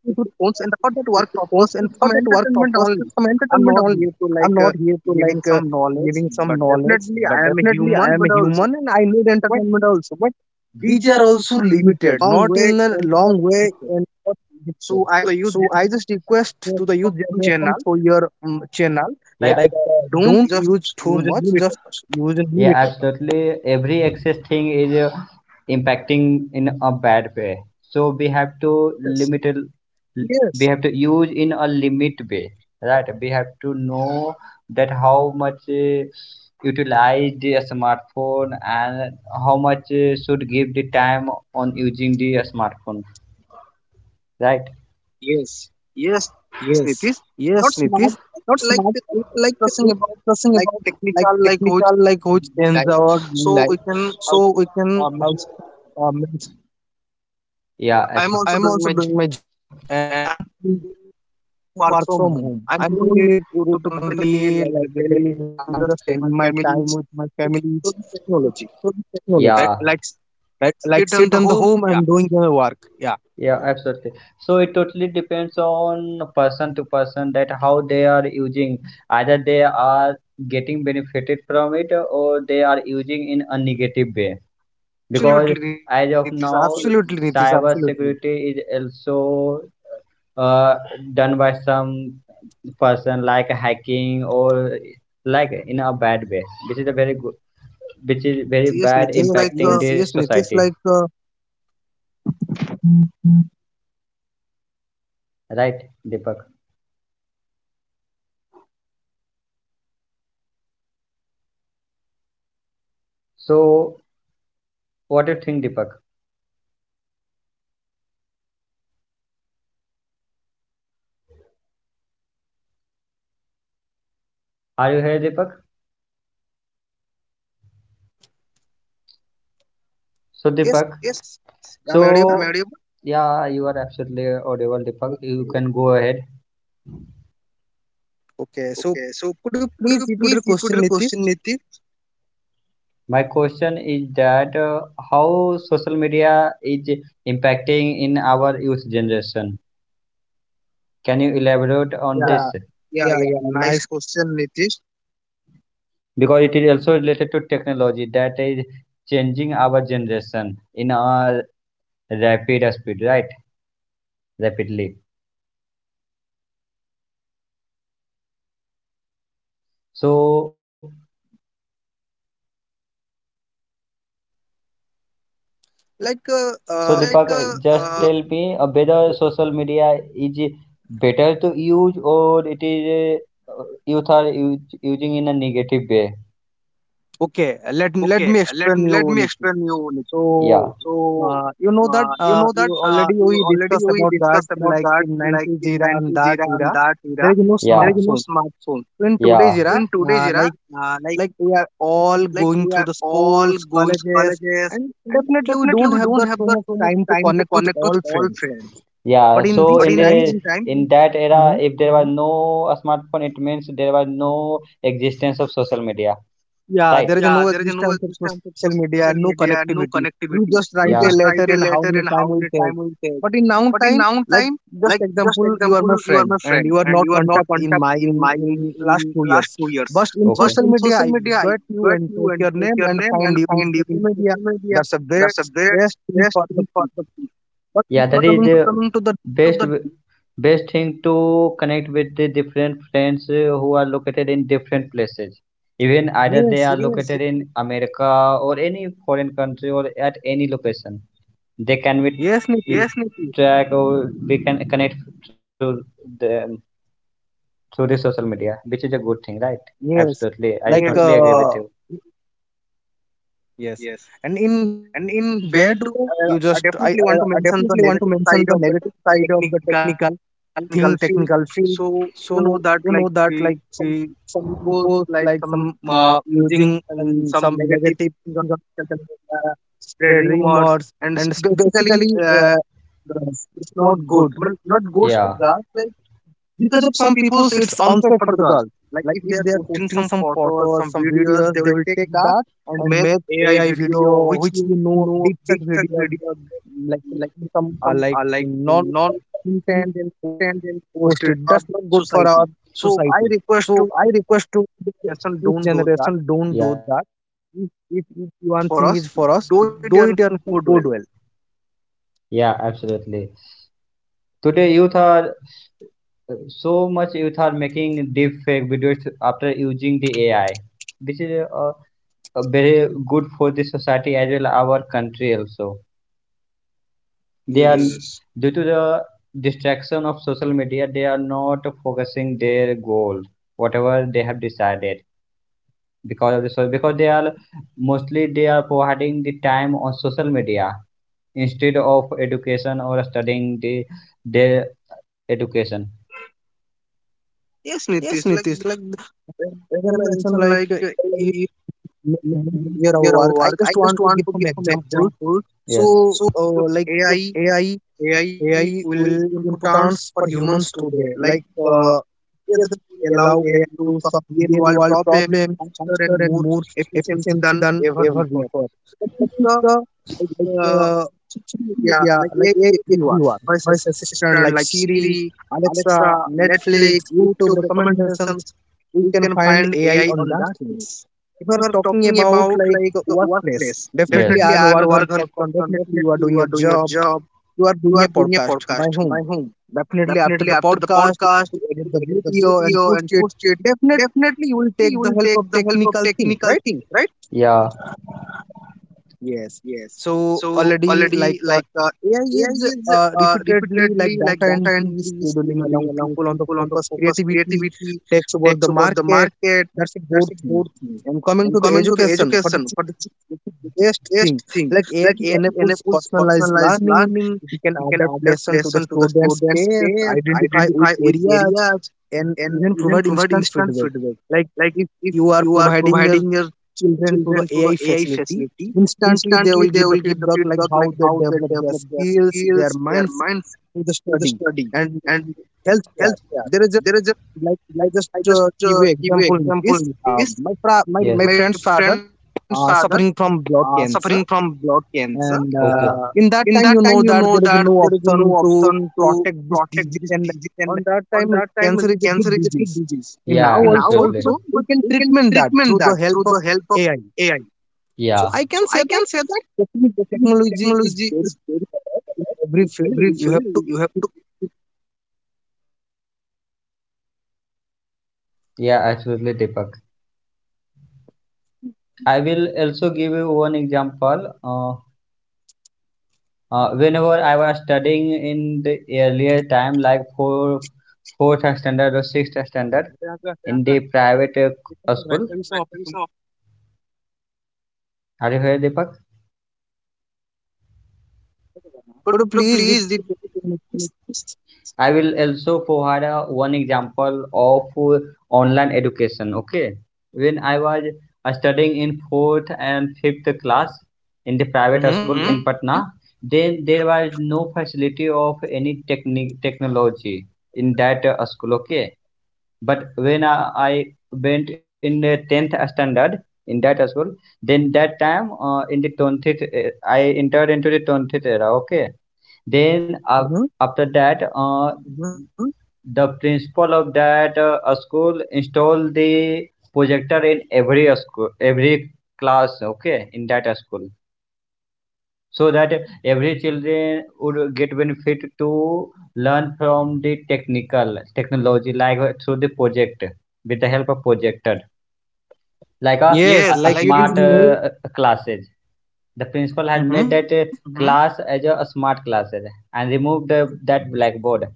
Speaker 2: to do
Speaker 1: Phones and for that work
Speaker 2: phones
Speaker 1: purpose
Speaker 2: for
Speaker 1: is
Speaker 2: that
Speaker 1: some
Speaker 2: work purpose
Speaker 1: entertainment
Speaker 2: and some
Speaker 1: only.
Speaker 2: entertainment
Speaker 1: I'm not
Speaker 2: only.
Speaker 1: here to
Speaker 2: I'm
Speaker 1: like
Speaker 2: not
Speaker 1: uh,
Speaker 2: here to
Speaker 1: giving
Speaker 2: like uh,
Speaker 1: some knowledge,
Speaker 2: giving some
Speaker 1: but
Speaker 2: knowledge,
Speaker 1: definitely
Speaker 2: but
Speaker 1: I am a
Speaker 2: definitely I
Speaker 1: human,
Speaker 2: am a
Speaker 1: but also
Speaker 2: human and I need
Speaker 1: but
Speaker 2: entertainment also. But
Speaker 1: these
Speaker 2: these
Speaker 1: are
Speaker 2: are also
Speaker 1: also limited
Speaker 2: limited,
Speaker 1: long
Speaker 2: not
Speaker 1: way
Speaker 2: in a
Speaker 1: and what
Speaker 2: long way
Speaker 1: limited.
Speaker 2: and not
Speaker 1: So
Speaker 2: limited.
Speaker 1: I use
Speaker 2: So I
Speaker 1: them
Speaker 2: just request to the youth generation
Speaker 1: channel,
Speaker 2: for your um, channel,
Speaker 1: like
Speaker 2: like
Speaker 1: Yeah.
Speaker 2: uh,
Speaker 1: uh, don't
Speaker 2: don't
Speaker 1: just
Speaker 2: use too
Speaker 1: use a
Speaker 2: much,
Speaker 1: limited.
Speaker 2: just use in
Speaker 1: Yeah,
Speaker 2: limitation.
Speaker 1: absolutely. Every excess thing is uh, impacting in a bad way. So we have to, yes, limit, it- we
Speaker 2: Yes.
Speaker 1: have to use in a limit way, right? We have to know that how much uh, utilize the smartphone and how much uh, should give the time on using the smartphone, right? Yes, yes,
Speaker 2: Yes,
Speaker 1: it is
Speaker 2: yes,
Speaker 1: not
Speaker 2: Nitish.
Speaker 1: smart.
Speaker 2: Not smart,
Speaker 1: Like
Speaker 2: but
Speaker 1: the-
Speaker 2: like uh,
Speaker 1: discussing about
Speaker 2: discussing
Speaker 1: like
Speaker 2: about like
Speaker 1: technical, like who
Speaker 2: technical, like who change
Speaker 1: life.
Speaker 2: our daily
Speaker 1: So we
Speaker 2: life.
Speaker 1: can.
Speaker 2: So we
Speaker 1: Uh,
Speaker 2: can
Speaker 1: uh,
Speaker 2: uh,
Speaker 1: means,
Speaker 2: uh, mention that I,
Speaker 1: yeah,
Speaker 2: I'm
Speaker 1: I
Speaker 2: also
Speaker 1: am think,
Speaker 2: doing
Speaker 1: also
Speaker 2: my
Speaker 1: doing
Speaker 2: job
Speaker 1: my job
Speaker 2: and I'm doing
Speaker 1: and
Speaker 2: work from home.
Speaker 1: work
Speaker 2: I
Speaker 1: from
Speaker 2: don't
Speaker 1: home.
Speaker 2: need to
Speaker 1: I
Speaker 2: go to
Speaker 1: don't need to go to
Speaker 2: company like
Speaker 1: company
Speaker 2: the
Speaker 1: like
Speaker 2: daily
Speaker 1: the
Speaker 2: life.
Speaker 1: daily.
Speaker 2: I'm just
Speaker 1: I'm just
Speaker 2: spending
Speaker 1: at
Speaker 2: my
Speaker 1: my
Speaker 2: time with
Speaker 1: families.
Speaker 2: my
Speaker 1: It's
Speaker 2: families.
Speaker 1: good
Speaker 2: It's
Speaker 1: technology,
Speaker 2: through
Speaker 1: right?
Speaker 2: technology,
Speaker 1: Yeah, like
Speaker 2: right? Like
Speaker 1: sit on
Speaker 2: sit
Speaker 1: the
Speaker 2: on the
Speaker 1: home.
Speaker 2: home,
Speaker 1: Yeah,
Speaker 2: I'm doing my work. Yeah,
Speaker 1: yeah, absolutely. So it totally depends on person to person that how they are using. Either they are getting benefited from it or they are using in a negative way. Because absolutely, as of Nitish, now absolutely,
Speaker 2: absolutely, Nitish.
Speaker 1: cyber
Speaker 2: Absolutely.
Speaker 1: security is also uh, done by some person like hacking or like in a bad way. This is a very good, which is very, yes, bad, Nitish, like
Speaker 2: Yes,
Speaker 1: impacting uh, the
Speaker 2: yes, yes, Nitish.
Speaker 1: society,
Speaker 2: Like
Speaker 1: right? Deepak, so what do you think, Deepak? Are you here, Deepak? So Deepak? Yes, so I'm so audible. Yeah, you are absolutely audible, Deepak. You can go ahead. Okay, so could you please repeat the question, Nitish? My question is that uh, how social media is impacting in our youth generation? Can you elaborate on, yeah, this? Yeah, yeah. Nice question, Nitish. Because it is also related to technology that is changing our generation in a rapid speed, right? Rapidly. So, so like, Deepak, uh, just uh, tell me uh, whether social media is better to use or it is uh, youth are us- using in a negative way.
Speaker 2: okay, let let me explain you,
Speaker 1: Let me
Speaker 2: Nikhil.
Speaker 1: explain you Nikhil. Yeah.
Speaker 2: So,
Speaker 1: So
Speaker 2: uh, you know that
Speaker 1: you
Speaker 2: uh,
Speaker 1: know that
Speaker 2: you
Speaker 1: uh,
Speaker 2: already
Speaker 1: you
Speaker 2: we
Speaker 1: already
Speaker 2: discussed
Speaker 1: we
Speaker 2: about that,
Speaker 1: discussed about
Speaker 2: like
Speaker 1: that,
Speaker 2: in
Speaker 1: like
Speaker 2: nineties
Speaker 1: in
Speaker 2: era and
Speaker 1: nineties
Speaker 2: that
Speaker 1: era and
Speaker 2: era,
Speaker 1: that
Speaker 2: there
Speaker 1: era,
Speaker 2: is no
Speaker 1: yeah. There is no
Speaker 2: smartphone.
Speaker 1: smartphone.
Speaker 2: So in
Speaker 1: Yeah,
Speaker 2: today's era,
Speaker 1: today's
Speaker 2: uh,
Speaker 1: era,
Speaker 2: like
Speaker 1: uh, like
Speaker 2: like we are all
Speaker 1: like
Speaker 2: going
Speaker 1: we
Speaker 2: through
Speaker 1: are
Speaker 2: the
Speaker 1: all
Speaker 2: schools,
Speaker 1: going
Speaker 2: colleges,
Speaker 1: colleges,
Speaker 2: and
Speaker 1: and
Speaker 2: definitely we
Speaker 1: definitely
Speaker 2: don't
Speaker 1: we
Speaker 2: have
Speaker 1: don't
Speaker 2: that
Speaker 1: have
Speaker 2: too
Speaker 1: that
Speaker 2: much
Speaker 1: too much.
Speaker 2: time to connect with all friends.
Speaker 1: Yeah,
Speaker 2: But in
Speaker 1: so
Speaker 2: this
Speaker 1: but in in this the
Speaker 2: time,
Speaker 1: time in that era, if there was no smartphone, it means there was no existence of social media.
Speaker 2: yeah,
Speaker 1: Right.
Speaker 2: there is
Speaker 1: Yeah,
Speaker 2: no
Speaker 1: there is no
Speaker 2: existence of
Speaker 1: existence of
Speaker 2: social media, and
Speaker 1: social
Speaker 2: no
Speaker 1: media, no
Speaker 2: connectivity. You
Speaker 1: connectivity.
Speaker 2: just write
Speaker 1: You, yeah,
Speaker 2: a
Speaker 1: just
Speaker 2: letter
Speaker 1: write a
Speaker 2: and how
Speaker 1: letter,
Speaker 2: many
Speaker 1: and how
Speaker 2: time
Speaker 1: many
Speaker 2: will
Speaker 1: time
Speaker 2: take.
Speaker 1: will take.
Speaker 2: But in now
Speaker 1: But in now
Speaker 2: time, like
Speaker 1: time,
Speaker 2: just
Speaker 1: like just
Speaker 2: example, you are my
Speaker 1: example, you
Speaker 2: friend
Speaker 1: are my
Speaker 2: and you
Speaker 1: friend
Speaker 2: are not
Speaker 1: and you are
Speaker 2: contact
Speaker 1: not
Speaker 2: in
Speaker 1: contact
Speaker 2: my in,
Speaker 1: in my
Speaker 2: in last
Speaker 1: in
Speaker 2: two
Speaker 1: last
Speaker 2: years.
Speaker 1: two years.
Speaker 2: But in social media, I
Speaker 1: Media,
Speaker 2: bet you
Speaker 1: if
Speaker 2: and
Speaker 1: you
Speaker 2: take
Speaker 1: and
Speaker 2: your name and find you in social media.
Speaker 1: social media,
Speaker 2: That's a
Speaker 1: that's a
Speaker 2: best
Speaker 1: best
Speaker 2: best thing
Speaker 1: best
Speaker 2: for the
Speaker 1: thing for
Speaker 2: people.
Speaker 1: the people.
Speaker 2: But if
Speaker 1: Yeah. That
Speaker 2: you
Speaker 1: but is
Speaker 2: coming
Speaker 1: people
Speaker 2: to
Speaker 1: the
Speaker 2: the
Speaker 1: coming to best the best thing to connect with the different friends uh, who are located in different places. Even either
Speaker 2: yes
Speaker 1: they are, yes,
Speaker 2: yes
Speaker 1: located in America or any foreign country or at any location. They can be we,
Speaker 2: yes
Speaker 1: yes,
Speaker 2: Niti,
Speaker 1: Nitin, track or we can connect through the through the social media, which is a good thing, right?
Speaker 2: yes
Speaker 1: Absolutely. I totally, yes,
Speaker 2: like
Speaker 1: totally agree, Uh, with Uh,
Speaker 2: uh,
Speaker 1: you.
Speaker 2: yes,
Speaker 1: Yes.
Speaker 2: and in bed,
Speaker 1: And
Speaker 2: oh,
Speaker 1: in
Speaker 2: you
Speaker 1: bed,
Speaker 2: just I,
Speaker 1: uh,
Speaker 2: I
Speaker 1: I
Speaker 2: I
Speaker 1: definitely
Speaker 2: definitely
Speaker 1: want to
Speaker 2: want to
Speaker 1: mention the
Speaker 2: mention the
Speaker 1: negative
Speaker 2: negative
Speaker 1: side of
Speaker 2: side
Speaker 1: the
Speaker 2: of the
Speaker 1: technical
Speaker 2: technical
Speaker 1: in
Speaker 2: thing,
Speaker 1: Gulffield.
Speaker 2: technical field.
Speaker 1: So you
Speaker 2: So
Speaker 1: know that
Speaker 2: you know
Speaker 1: like
Speaker 2: that
Speaker 1: we,
Speaker 2: like
Speaker 1: some
Speaker 2: the, some
Speaker 1: people
Speaker 2: people
Speaker 1: like
Speaker 2: like
Speaker 1: some
Speaker 2: some
Speaker 1: uh,
Speaker 2: uh,
Speaker 1: using
Speaker 2: using
Speaker 1: um,
Speaker 2: and
Speaker 1: some
Speaker 2: some
Speaker 1: negative
Speaker 2: negative
Speaker 1: things on
Speaker 2: things on
Speaker 1: social
Speaker 2: social
Speaker 1: media,
Speaker 2: media,
Speaker 1: spread
Speaker 2: spread
Speaker 1: rumors
Speaker 2: rumors
Speaker 1: and s-
Speaker 2: and s-
Speaker 1: basically
Speaker 2: basically
Speaker 1: uh,
Speaker 2: uh,
Speaker 1: it's
Speaker 2: it's
Speaker 1: not
Speaker 2: it's not
Speaker 1: good. Well,
Speaker 2: good.
Speaker 1: not
Speaker 2: Good
Speaker 1: good for,
Speaker 2: for
Speaker 1: yeah,
Speaker 2: that.
Speaker 1: girls
Speaker 2: Like,
Speaker 1: like
Speaker 2: because of
Speaker 1: because of
Speaker 2: some
Speaker 1: some people
Speaker 2: people's it's
Speaker 1: it's
Speaker 2: also
Speaker 1: unfair
Speaker 2: for
Speaker 1: for
Speaker 2: the
Speaker 1: the girl.
Speaker 2: girls
Speaker 1: Like
Speaker 2: like
Speaker 1: if
Speaker 2: if
Speaker 1: they
Speaker 2: they
Speaker 1: are
Speaker 2: are
Speaker 1: posting
Speaker 2: posting
Speaker 1: some
Speaker 2: some
Speaker 1: photos,
Speaker 2: photos
Speaker 1: some
Speaker 2: some
Speaker 1: videos,
Speaker 2: videos
Speaker 1: they
Speaker 2: they
Speaker 1: will
Speaker 2: will
Speaker 1: take
Speaker 2: take
Speaker 1: that
Speaker 2: that
Speaker 1: and
Speaker 2: and
Speaker 1: make
Speaker 2: make
Speaker 1: A I
Speaker 2: AI
Speaker 1: video,
Speaker 2: video
Speaker 1: which
Speaker 2: which you know deepfake video
Speaker 1: video
Speaker 2: like
Speaker 1: they- like
Speaker 2: some
Speaker 1: some
Speaker 2: uh,
Speaker 1: are
Speaker 2: like
Speaker 1: like
Speaker 2: non
Speaker 1: non
Speaker 2: intent and
Speaker 1: and then
Speaker 2: post it
Speaker 1: post it
Speaker 2: that's
Speaker 1: on
Speaker 2: not good for our
Speaker 1: society. So I
Speaker 2: society.
Speaker 1: request
Speaker 2: So
Speaker 1: to
Speaker 2: I request to the
Speaker 1: person
Speaker 2: youth
Speaker 1: don't do,
Speaker 2: generation don't do
Speaker 1: yeah.
Speaker 2: that.
Speaker 1: If
Speaker 2: if, if,
Speaker 1: one
Speaker 2: if
Speaker 1: thing is
Speaker 2: one
Speaker 1: for
Speaker 2: thing
Speaker 1: us,
Speaker 2: is for us
Speaker 1: do it
Speaker 2: do
Speaker 1: and
Speaker 2: it
Speaker 1: for
Speaker 2: and for
Speaker 1: good well.
Speaker 2: good well.
Speaker 1: Yeah, absolutely. Today youth are so much youth are making deep fake videos after using the AI. This is uh, uh, very good for the society as well our country also. They are yes Due
Speaker 2: Yes,
Speaker 1: to the distraction of social media they are not focusing their goal, whatever they have decided, because of the so because they are mostly they are providing the time on social media instead of education or studying the their education. Yes,
Speaker 2: yes,
Speaker 1: Nitish,
Speaker 2: Nitish,
Speaker 1: like
Speaker 2: like th-
Speaker 1: uh,
Speaker 2: as I
Speaker 1: you
Speaker 2: mentioned
Speaker 1: mentioned,
Speaker 2: like uh,
Speaker 1: like uh, A I
Speaker 2: make more easier our
Speaker 1: near our
Speaker 2: work. I
Speaker 1: work. I
Speaker 2: just
Speaker 1: just
Speaker 2: want to
Speaker 1: want
Speaker 2: give
Speaker 1: to
Speaker 2: some
Speaker 1: give some
Speaker 2: example.
Speaker 1: example.
Speaker 2: So,
Speaker 1: Yes.
Speaker 2: uh, like
Speaker 1: A
Speaker 2: uh,
Speaker 1: I.
Speaker 2: A I,
Speaker 1: A I
Speaker 2: A I
Speaker 1: will
Speaker 2: will
Speaker 1: importance
Speaker 2: importance
Speaker 1: for
Speaker 2: for
Speaker 1: humans
Speaker 2: humans
Speaker 1: today.
Speaker 2: today.
Speaker 1: Like,
Speaker 2: Like
Speaker 1: Uh,
Speaker 2: uh, Together, we
Speaker 1: it allow
Speaker 2: allow
Speaker 1: a
Speaker 2: A I to solve
Speaker 1: real world
Speaker 2: real-world
Speaker 1: problem
Speaker 2: problems
Speaker 1: faster
Speaker 2: faster
Speaker 1: and
Speaker 2: and
Speaker 1: more
Speaker 2: more
Speaker 1: efficiency
Speaker 2: efficiently
Speaker 1: than
Speaker 2: than ever before.
Speaker 1: that
Speaker 2: That
Speaker 1: is
Speaker 2: is
Speaker 1: the,
Speaker 2: the like
Speaker 1: like, uh,
Speaker 2: uh, social
Speaker 1: yeah,
Speaker 2: media,
Speaker 1: like
Speaker 2: like
Speaker 1: A I
Speaker 2: A I
Speaker 1: is
Speaker 2: is
Speaker 1: everywhere.
Speaker 2: everyone. Voice assistant
Speaker 1: Assistant
Speaker 2: like
Speaker 1: like
Speaker 2: Siri,
Speaker 1: Siri,
Speaker 2: Alexa,
Speaker 1: Alexa,
Speaker 2: Netflix,
Speaker 1: Netflix,
Speaker 2: YouTube
Speaker 1: YouTube.
Speaker 2: recommendations. We
Speaker 1: We
Speaker 2: can
Speaker 1: can
Speaker 2: find
Speaker 1: find
Speaker 2: A I
Speaker 1: A I. Or
Speaker 2: on that things.
Speaker 1: if
Speaker 2: If
Speaker 1: we're
Speaker 2: we're
Speaker 1: talking
Speaker 2: talking
Speaker 1: about
Speaker 2: about like
Speaker 1: the workplace,
Speaker 2: workplace,
Speaker 1: yes, definitely
Speaker 2: definitely
Speaker 1: yes.
Speaker 2: I
Speaker 1: I
Speaker 2: am
Speaker 1: am
Speaker 2: a
Speaker 1: a
Speaker 2: workaholic
Speaker 1: workaholic
Speaker 2: person.
Speaker 1: person.
Speaker 2: Definitely you are
Speaker 1: Definitely
Speaker 2: doing
Speaker 1: you
Speaker 2: your
Speaker 1: are doing your
Speaker 2: job
Speaker 1: job.
Speaker 2: you are
Speaker 1: You
Speaker 2: doing
Speaker 1: are
Speaker 2: a
Speaker 1: doing a
Speaker 2: podcast. By whom? Definitely after the podcast, if
Speaker 1: podcast,
Speaker 2: you edit the video and
Speaker 1: video,
Speaker 2: post
Speaker 1: and
Speaker 2: it,
Speaker 1: post it.
Speaker 2: definitely you
Speaker 1: Definitely
Speaker 2: will take the
Speaker 1: you
Speaker 2: help
Speaker 1: will
Speaker 2: of
Speaker 1: take the
Speaker 2: technical
Speaker 1: help of
Speaker 2: things, right?
Speaker 1: technical things, right? Yeah.
Speaker 2: Yes.
Speaker 1: Yes.
Speaker 2: So
Speaker 1: So
Speaker 2: already like
Speaker 1: already
Speaker 2: uh,
Speaker 1: like uh,
Speaker 2: A I is
Speaker 1: A I,
Speaker 2: uh,
Speaker 1: uh,
Speaker 2: repeatedly like data
Speaker 1: data
Speaker 2: entry,
Speaker 1: entry,
Speaker 2: scheduling,
Speaker 1: scheduling,
Speaker 2: allowing
Speaker 1: allowing
Speaker 2: people on the
Speaker 1: people on the
Speaker 2: focus,
Speaker 1: focus,
Speaker 2: creativity,
Speaker 1: creativity,
Speaker 2: takes over
Speaker 1: takes
Speaker 2: the
Speaker 1: over the
Speaker 2: market.
Speaker 1: market.
Speaker 2: That's a
Speaker 1: That's
Speaker 2: good
Speaker 1: it.
Speaker 2: thing. And coming to the
Speaker 1: Coming to the
Speaker 2: education, for the
Speaker 1: question, for
Speaker 2: children,
Speaker 1: it
Speaker 2: it's the
Speaker 1: is
Speaker 2: best
Speaker 1: best
Speaker 2: thing.
Speaker 1: thing.
Speaker 2: Like A I enables
Speaker 1: Apple's
Speaker 2: personalized
Speaker 1: personalized
Speaker 2: learning.
Speaker 1: learning,
Speaker 2: We can adapt lesson to the student's pace,
Speaker 1: space,
Speaker 2: identify weak areas,
Speaker 1: ideas,
Speaker 2: and even
Speaker 1: and
Speaker 2: provide
Speaker 1: provide
Speaker 2: instant
Speaker 1: instant
Speaker 2: feedback.
Speaker 1: feedback.
Speaker 2: Like
Speaker 1: Like
Speaker 2: if
Speaker 1: if
Speaker 2: you are
Speaker 1: you are
Speaker 2: providing your
Speaker 1: providing your
Speaker 2: children to the
Speaker 1: children to the
Speaker 2: A I
Speaker 1: A I
Speaker 2: facility,
Speaker 1: facility,
Speaker 2: instantly they
Speaker 1: instantly
Speaker 2: will
Speaker 1: they
Speaker 2: give the
Speaker 1: will give the,
Speaker 2: feedback like how they develop their skills, their mindset to the study and
Speaker 1: and
Speaker 2: healthcare. There is a
Speaker 1: there is
Speaker 2: like I just uh,
Speaker 1: a
Speaker 2: give you
Speaker 1: uh,
Speaker 2: example in
Speaker 1: full
Speaker 2: this.
Speaker 1: notice.
Speaker 2: Uh, my, fra- my
Speaker 1: Yes.
Speaker 2: my
Speaker 1: My
Speaker 2: friend's father
Speaker 1: friend's
Speaker 2: uh,
Speaker 1: father
Speaker 2: suffering from
Speaker 1: uh,
Speaker 2: blood
Speaker 1: suffering
Speaker 2: cancer,
Speaker 1: from blood cancer.
Speaker 2: and
Speaker 1: Okay.
Speaker 2: uh,
Speaker 1: Uh,
Speaker 2: in that
Speaker 1: in
Speaker 2: time
Speaker 1: that
Speaker 2: you
Speaker 1: time,
Speaker 2: know
Speaker 1: you
Speaker 2: that
Speaker 1: know
Speaker 2: there is
Speaker 1: that
Speaker 2: no
Speaker 1: there is no
Speaker 2: option to
Speaker 1: option to
Speaker 2: protect this
Speaker 1: protect,
Speaker 2: disease, and
Speaker 1: and
Speaker 2: on that time
Speaker 1: that time
Speaker 2: cancer is a
Speaker 1: cancer
Speaker 2: big
Speaker 1: is a big
Speaker 2: disease.
Speaker 1: disease.
Speaker 2: And now
Speaker 1: Yeah, and now
Speaker 2: also,
Speaker 1: also absolutely.
Speaker 2: but
Speaker 1: All
Speaker 2: we can treatment that
Speaker 1: treatment
Speaker 2: through the
Speaker 1: that.
Speaker 2: help of A I.
Speaker 1: A I.
Speaker 2: So
Speaker 1: Yeah.
Speaker 2: I can say that techni- technology is
Speaker 1: Technology
Speaker 2: very
Speaker 1: is very
Speaker 2: better in every
Speaker 1: good.
Speaker 2: field. You have to.
Speaker 1: You have to.
Speaker 2: What do you think, Nitish?
Speaker 1: Yeah, absolutely, Deepak. I will also give you one example. Uh, uh, whenever I was studying in the earlier time, like four, fourth standard or sixth standard,
Speaker 2: Could
Speaker 1: in the private uh, school, right, so are you heard, Deepak? Could
Speaker 2: you
Speaker 1: you
Speaker 2: please
Speaker 1: please,
Speaker 2: repeat
Speaker 1: the,
Speaker 2: the question, Nitish?
Speaker 1: I will also provide a one example of uh, online education. Okay, when I was uh, studying in fourth and fifth class in the private
Speaker 2: Mm-hmm.
Speaker 1: school, hmm, in, mm-hmm, Patna, then there was no facility of any technique technology in that uh, school. Okay, but when I, I went in the tenth standard in that school, then that time uh, in the twentieth, uh, I entered into the twentieth era. Okay. Then af after
Speaker 2: Mm-hmm.
Speaker 1: that, uh, mhm, the principal of that uh, school install the projector in every school, every class, okay, in that school, so that every children would get benefit to learn from the technical technology, like uh, through the project, with the help of projector, like a, yes, a like it smart
Speaker 2: Yes,
Speaker 1: is
Speaker 2: like it
Speaker 1: more
Speaker 2: is
Speaker 1: uh,
Speaker 2: no.
Speaker 1: classes. The principal had made that uh,
Speaker 2: Mm-hmm.
Speaker 1: mhm class as a, a smart classes and removed uh, that blackboard. And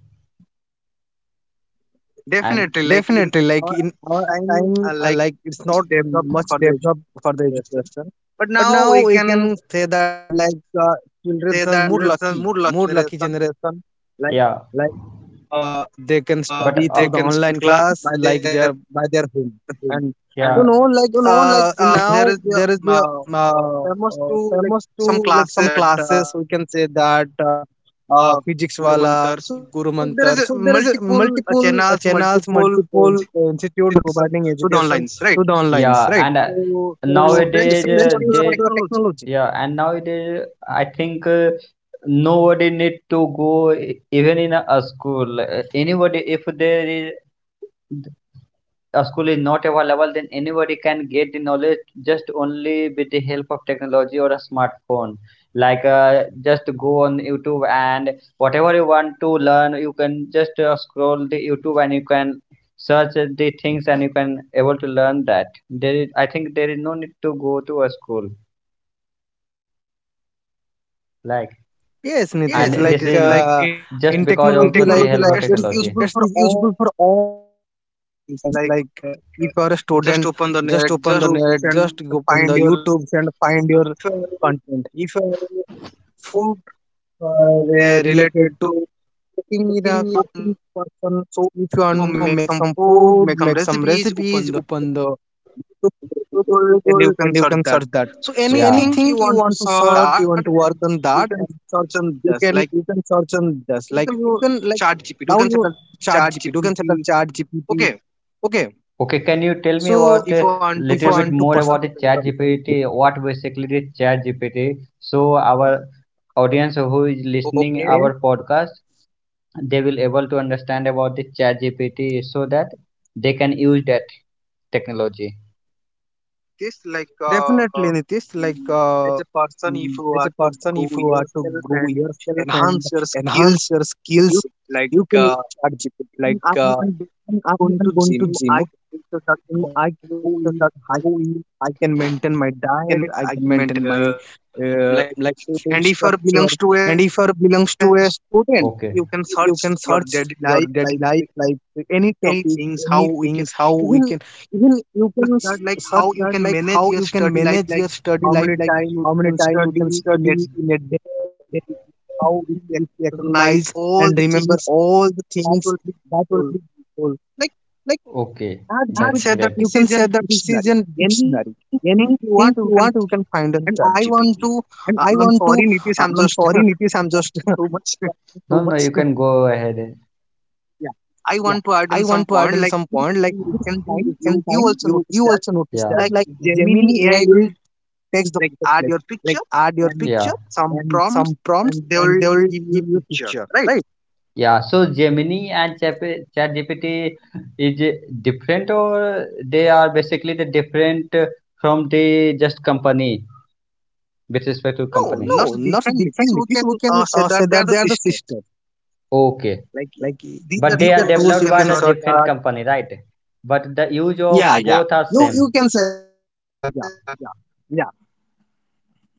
Speaker 1: definitely, like in
Speaker 2: Definitely,
Speaker 1: our
Speaker 2: like in our
Speaker 1: time, uh,
Speaker 2: time, uh, like it's not
Speaker 1: definitely.
Speaker 2: much developed for the education.
Speaker 1: But
Speaker 2: But
Speaker 1: now
Speaker 2: now
Speaker 1: we
Speaker 2: we
Speaker 1: can
Speaker 2: can say that like uh, children are
Speaker 1: say
Speaker 2: more
Speaker 1: that children
Speaker 2: lucky,
Speaker 1: are more
Speaker 2: more
Speaker 1: lucky
Speaker 2: lucky
Speaker 1: generation.
Speaker 2: generation
Speaker 1: Like yeah,
Speaker 2: like uh, they
Speaker 1: uh,
Speaker 2: can
Speaker 1: uh, but
Speaker 2: study
Speaker 1: uh, they
Speaker 2: through the
Speaker 1: can still
Speaker 2: online
Speaker 1: class by
Speaker 2: class like
Speaker 1: their
Speaker 2: they are by their home
Speaker 1: phone.
Speaker 2: and
Speaker 1: Yeah, and
Speaker 2: you know like
Speaker 1: you know,
Speaker 2: uh,
Speaker 1: like
Speaker 2: in
Speaker 1: uh, there
Speaker 2: now
Speaker 1: is the
Speaker 2: there is
Speaker 1: uh,
Speaker 2: a uh, uh,
Speaker 1: to
Speaker 2: famous
Speaker 1: some
Speaker 2: to like some
Speaker 1: classes at uh,
Speaker 2: classes we can say that uh, uh,
Speaker 1: uh,
Speaker 2: physics
Speaker 1: Guru
Speaker 2: wala
Speaker 1: Mantar. So
Speaker 2: guru
Speaker 1: there
Speaker 2: mantar
Speaker 1: is a
Speaker 2: so there is a
Speaker 1: multiple
Speaker 2: multiple uh,
Speaker 1: channels,
Speaker 2: channels
Speaker 1: multiple,
Speaker 2: multiple
Speaker 1: uh,
Speaker 2: institute they are
Speaker 1: itself
Speaker 2: providing
Speaker 1: to the
Speaker 2: education
Speaker 1: online, right?
Speaker 2: through the onlines
Speaker 1: Yeah and
Speaker 2: right
Speaker 1: uh, so it's a branch
Speaker 2: so
Speaker 1: nowadays used
Speaker 2: it's
Speaker 1: uh,
Speaker 2: the
Speaker 1: for the
Speaker 2: best
Speaker 1: they
Speaker 2: use for
Speaker 1: technology.
Speaker 2: the
Speaker 1: Yeah
Speaker 2: technology.
Speaker 1: and nowadays I think uh, nobody need to go e- even in a, a school. Uh, anybody if there is a school is not available, then anybody can get the knowledge just only with the help of technology or a smartphone. Like uh, just go on YouTube and whatever you want to learn, you can just uh, scroll the YouTube and you can search the things and you can able to learn that. There is, I think there is no need to go to a school. Like,
Speaker 2: Yes,
Speaker 1: yes,
Speaker 2: Nitish,
Speaker 1: and this Nitish,
Speaker 2: like
Speaker 1: is like
Speaker 2: uh,
Speaker 1: in just
Speaker 2: in
Speaker 1: because of the
Speaker 2: technology,
Speaker 1: technology,
Speaker 2: like
Speaker 1: help like
Speaker 2: uh,
Speaker 1: of technology
Speaker 2: it's
Speaker 1: technology. Useful
Speaker 2: it's
Speaker 1: for
Speaker 2: is useful
Speaker 1: all
Speaker 2: for all the things. Like uh,
Speaker 1: things. Like
Speaker 2: if you are a student,
Speaker 1: uh, just open the
Speaker 2: just
Speaker 1: net,
Speaker 2: open the
Speaker 1: just
Speaker 2: net,
Speaker 1: search and
Speaker 2: just go open the
Speaker 1: find your
Speaker 2: YouTube and find your content. If you are food
Speaker 1: food,
Speaker 2: uh,
Speaker 1: uh,
Speaker 2: re-
Speaker 1: re-
Speaker 2: related to
Speaker 1: related
Speaker 2: cooking, in a cooking person, so if you want to make some
Speaker 1: food
Speaker 2: food, make some recipes, open the YouTube, open the
Speaker 1: noodles.
Speaker 2: Google, and you can search that.
Speaker 1: So
Speaker 2: So
Speaker 1: yeah,
Speaker 2: anything
Speaker 1: anything
Speaker 2: you
Speaker 1: you
Speaker 2: want to
Speaker 1: want to
Speaker 2: search,
Speaker 1: search
Speaker 2: you want to work on that,
Speaker 1: you can search
Speaker 2: you
Speaker 1: on that,
Speaker 2: can you can search on this, like you
Speaker 1: you,
Speaker 2: can like
Speaker 1: chat gpt
Speaker 2: now
Speaker 1: you can
Speaker 2: you
Speaker 1: set up
Speaker 2: chat
Speaker 1: chat
Speaker 2: gpt you can set up
Speaker 1: gpt,
Speaker 2: chat
Speaker 1: okay.
Speaker 2: gpt. Okay,
Speaker 1: Okay, can you tell me about
Speaker 2: so
Speaker 1: if you a want to little
Speaker 2: if
Speaker 1: bit
Speaker 2: you
Speaker 1: personal
Speaker 2: want to
Speaker 1: more about the personalize
Speaker 2: personalize
Speaker 1: Chat G P T?
Speaker 2: yourself.
Speaker 1: What basically the Chat G P T? So our audience who is listening, okay,
Speaker 2: Okay,
Speaker 1: our podcast, they will able to understand about the Chat G P T so that they can use that technology. This like
Speaker 2: definitely
Speaker 1: uh,
Speaker 2: Nitish, like
Speaker 1: mm,
Speaker 2: uh,
Speaker 1: as a
Speaker 2: mm,
Speaker 1: person if
Speaker 2: as a
Speaker 1: you are to
Speaker 2: person, if you
Speaker 1: grow
Speaker 2: are to grow
Speaker 1: yourself and
Speaker 2: yourself and
Speaker 1: enhance your
Speaker 2: enhance your
Speaker 1: skills
Speaker 2: skills,
Speaker 1: you
Speaker 2: you
Speaker 1: like,
Speaker 2: can use
Speaker 1: uh,
Speaker 2: chat gpt.
Speaker 1: and
Speaker 2: like
Speaker 1: I'm
Speaker 2: uh, I'm, I'm
Speaker 1: going
Speaker 2: I'm
Speaker 1: to
Speaker 2: going to
Speaker 1: gym,
Speaker 2: gym.
Speaker 1: I, so that
Speaker 2: Mm,
Speaker 1: how
Speaker 2: I can make sure
Speaker 1: you
Speaker 2: that how we, I can maintain my
Speaker 1: can
Speaker 2: diet,
Speaker 1: it
Speaker 2: I
Speaker 1: I
Speaker 2: can
Speaker 1: can
Speaker 2: maintain
Speaker 1: maintain.
Speaker 2: my
Speaker 1: Uh,
Speaker 2: uh, like food
Speaker 1: and if you
Speaker 2: structure.
Speaker 1: belongs to
Speaker 2: And
Speaker 1: a,
Speaker 2: if you belongs to a student,
Speaker 1: okay, you can
Speaker 2: you
Speaker 1: search
Speaker 2: can
Speaker 1: your
Speaker 2: search
Speaker 1: daily
Speaker 2: your
Speaker 1: life,
Speaker 2: daily life,
Speaker 1: like
Speaker 2: like any topic,
Speaker 1: is how
Speaker 2: any
Speaker 1: we,
Speaker 2: things, how we
Speaker 1: even
Speaker 2: can even you can s- search
Speaker 1: how you
Speaker 2: that,
Speaker 1: can
Speaker 2: like how
Speaker 1: manage
Speaker 2: you can
Speaker 1: study life,
Speaker 2: manage your study
Speaker 1: how
Speaker 2: life,
Speaker 1: many
Speaker 2: like
Speaker 1: time you
Speaker 2: how many
Speaker 1: can
Speaker 2: time you can
Speaker 1: study in a
Speaker 2: study in a day,
Speaker 1: day,
Speaker 2: how you
Speaker 1: recognize
Speaker 2: recognize
Speaker 1: all the
Speaker 2: and remember all the
Speaker 1: things that
Speaker 2: things
Speaker 1: will be.
Speaker 2: that will be useful.
Speaker 1: Okay,
Speaker 2: Chat
Speaker 1: not that's
Speaker 2: G P T,
Speaker 1: say that great.
Speaker 2: you
Speaker 1: This
Speaker 2: can
Speaker 1: is an
Speaker 2: say the
Speaker 1: dictionary.
Speaker 2: decision
Speaker 1: Anything
Speaker 2: dictionary. Anything
Speaker 1: you
Speaker 2: want,
Speaker 1: want,
Speaker 2: you
Speaker 1: you
Speaker 2: can
Speaker 1: can,
Speaker 2: find
Speaker 1: see.
Speaker 2: on Chat
Speaker 1: And I
Speaker 2: G P T.
Speaker 1: want to.
Speaker 2: And I
Speaker 1: Uh,
Speaker 2: want
Speaker 1: I'm
Speaker 2: to,
Speaker 1: sorry,
Speaker 2: uh,
Speaker 1: Nitish.
Speaker 2: I'm
Speaker 1: I'm
Speaker 2: sorry,
Speaker 1: just.
Speaker 2: Nitish,
Speaker 1: *laughs*
Speaker 2: I'm just *laughs* talking so
Speaker 1: No, no,
Speaker 2: much.
Speaker 1: you
Speaker 2: *laughs*
Speaker 1: can go ahead. Yeah. I
Speaker 2: Yeah,
Speaker 1: want to add
Speaker 2: I
Speaker 1: in
Speaker 2: want
Speaker 1: some
Speaker 2: to add in some point. Like in, in
Speaker 1: time.
Speaker 2: recent
Speaker 1: You you
Speaker 2: time, you
Speaker 1: also,
Speaker 2: you also notice
Speaker 1: yeah,
Speaker 2: that
Speaker 1: like
Speaker 2: like
Speaker 1: Gemini
Speaker 2: Gemini A I
Speaker 1: A I
Speaker 2: will
Speaker 1: will
Speaker 2: takes the
Speaker 1: add
Speaker 2: marketplace.
Speaker 1: your
Speaker 2: Like
Speaker 1: picture,
Speaker 2: add your
Speaker 1: yeah,
Speaker 2: picture
Speaker 1: some
Speaker 2: and
Speaker 1: prompts.
Speaker 2: some prompts,
Speaker 1: They
Speaker 2: and
Speaker 1: will,
Speaker 2: they will give you a picture,
Speaker 1: right.
Speaker 2: right?
Speaker 1: Yeah. So Gemini and Chap- ChatGPT is uh, different, or they are basically the different uh, from the just company. With respect to company? No, not
Speaker 2: No, not
Speaker 1: differently. This we
Speaker 2: different.
Speaker 1: can
Speaker 2: Nitish, we
Speaker 1: uh, say
Speaker 2: can
Speaker 1: that they
Speaker 2: uh,
Speaker 1: are the
Speaker 2: say
Speaker 1: same.
Speaker 2: that they are the sister.
Speaker 1: Okay. Like
Speaker 2: Like
Speaker 1: these, but are they are
Speaker 2: these are
Speaker 1: developed by the
Speaker 2: tools
Speaker 1: search
Speaker 2: you can
Speaker 1: different that
Speaker 2: search.
Speaker 1: company, right? But the use of, yeah, yeah, both yeah
Speaker 2: Yeah,
Speaker 1: are,
Speaker 2: yeah.
Speaker 1: no, same. No, you
Speaker 2: You
Speaker 1: can say
Speaker 2: you can say that. Yeah,
Speaker 1: that, yeah.
Speaker 2: yeah.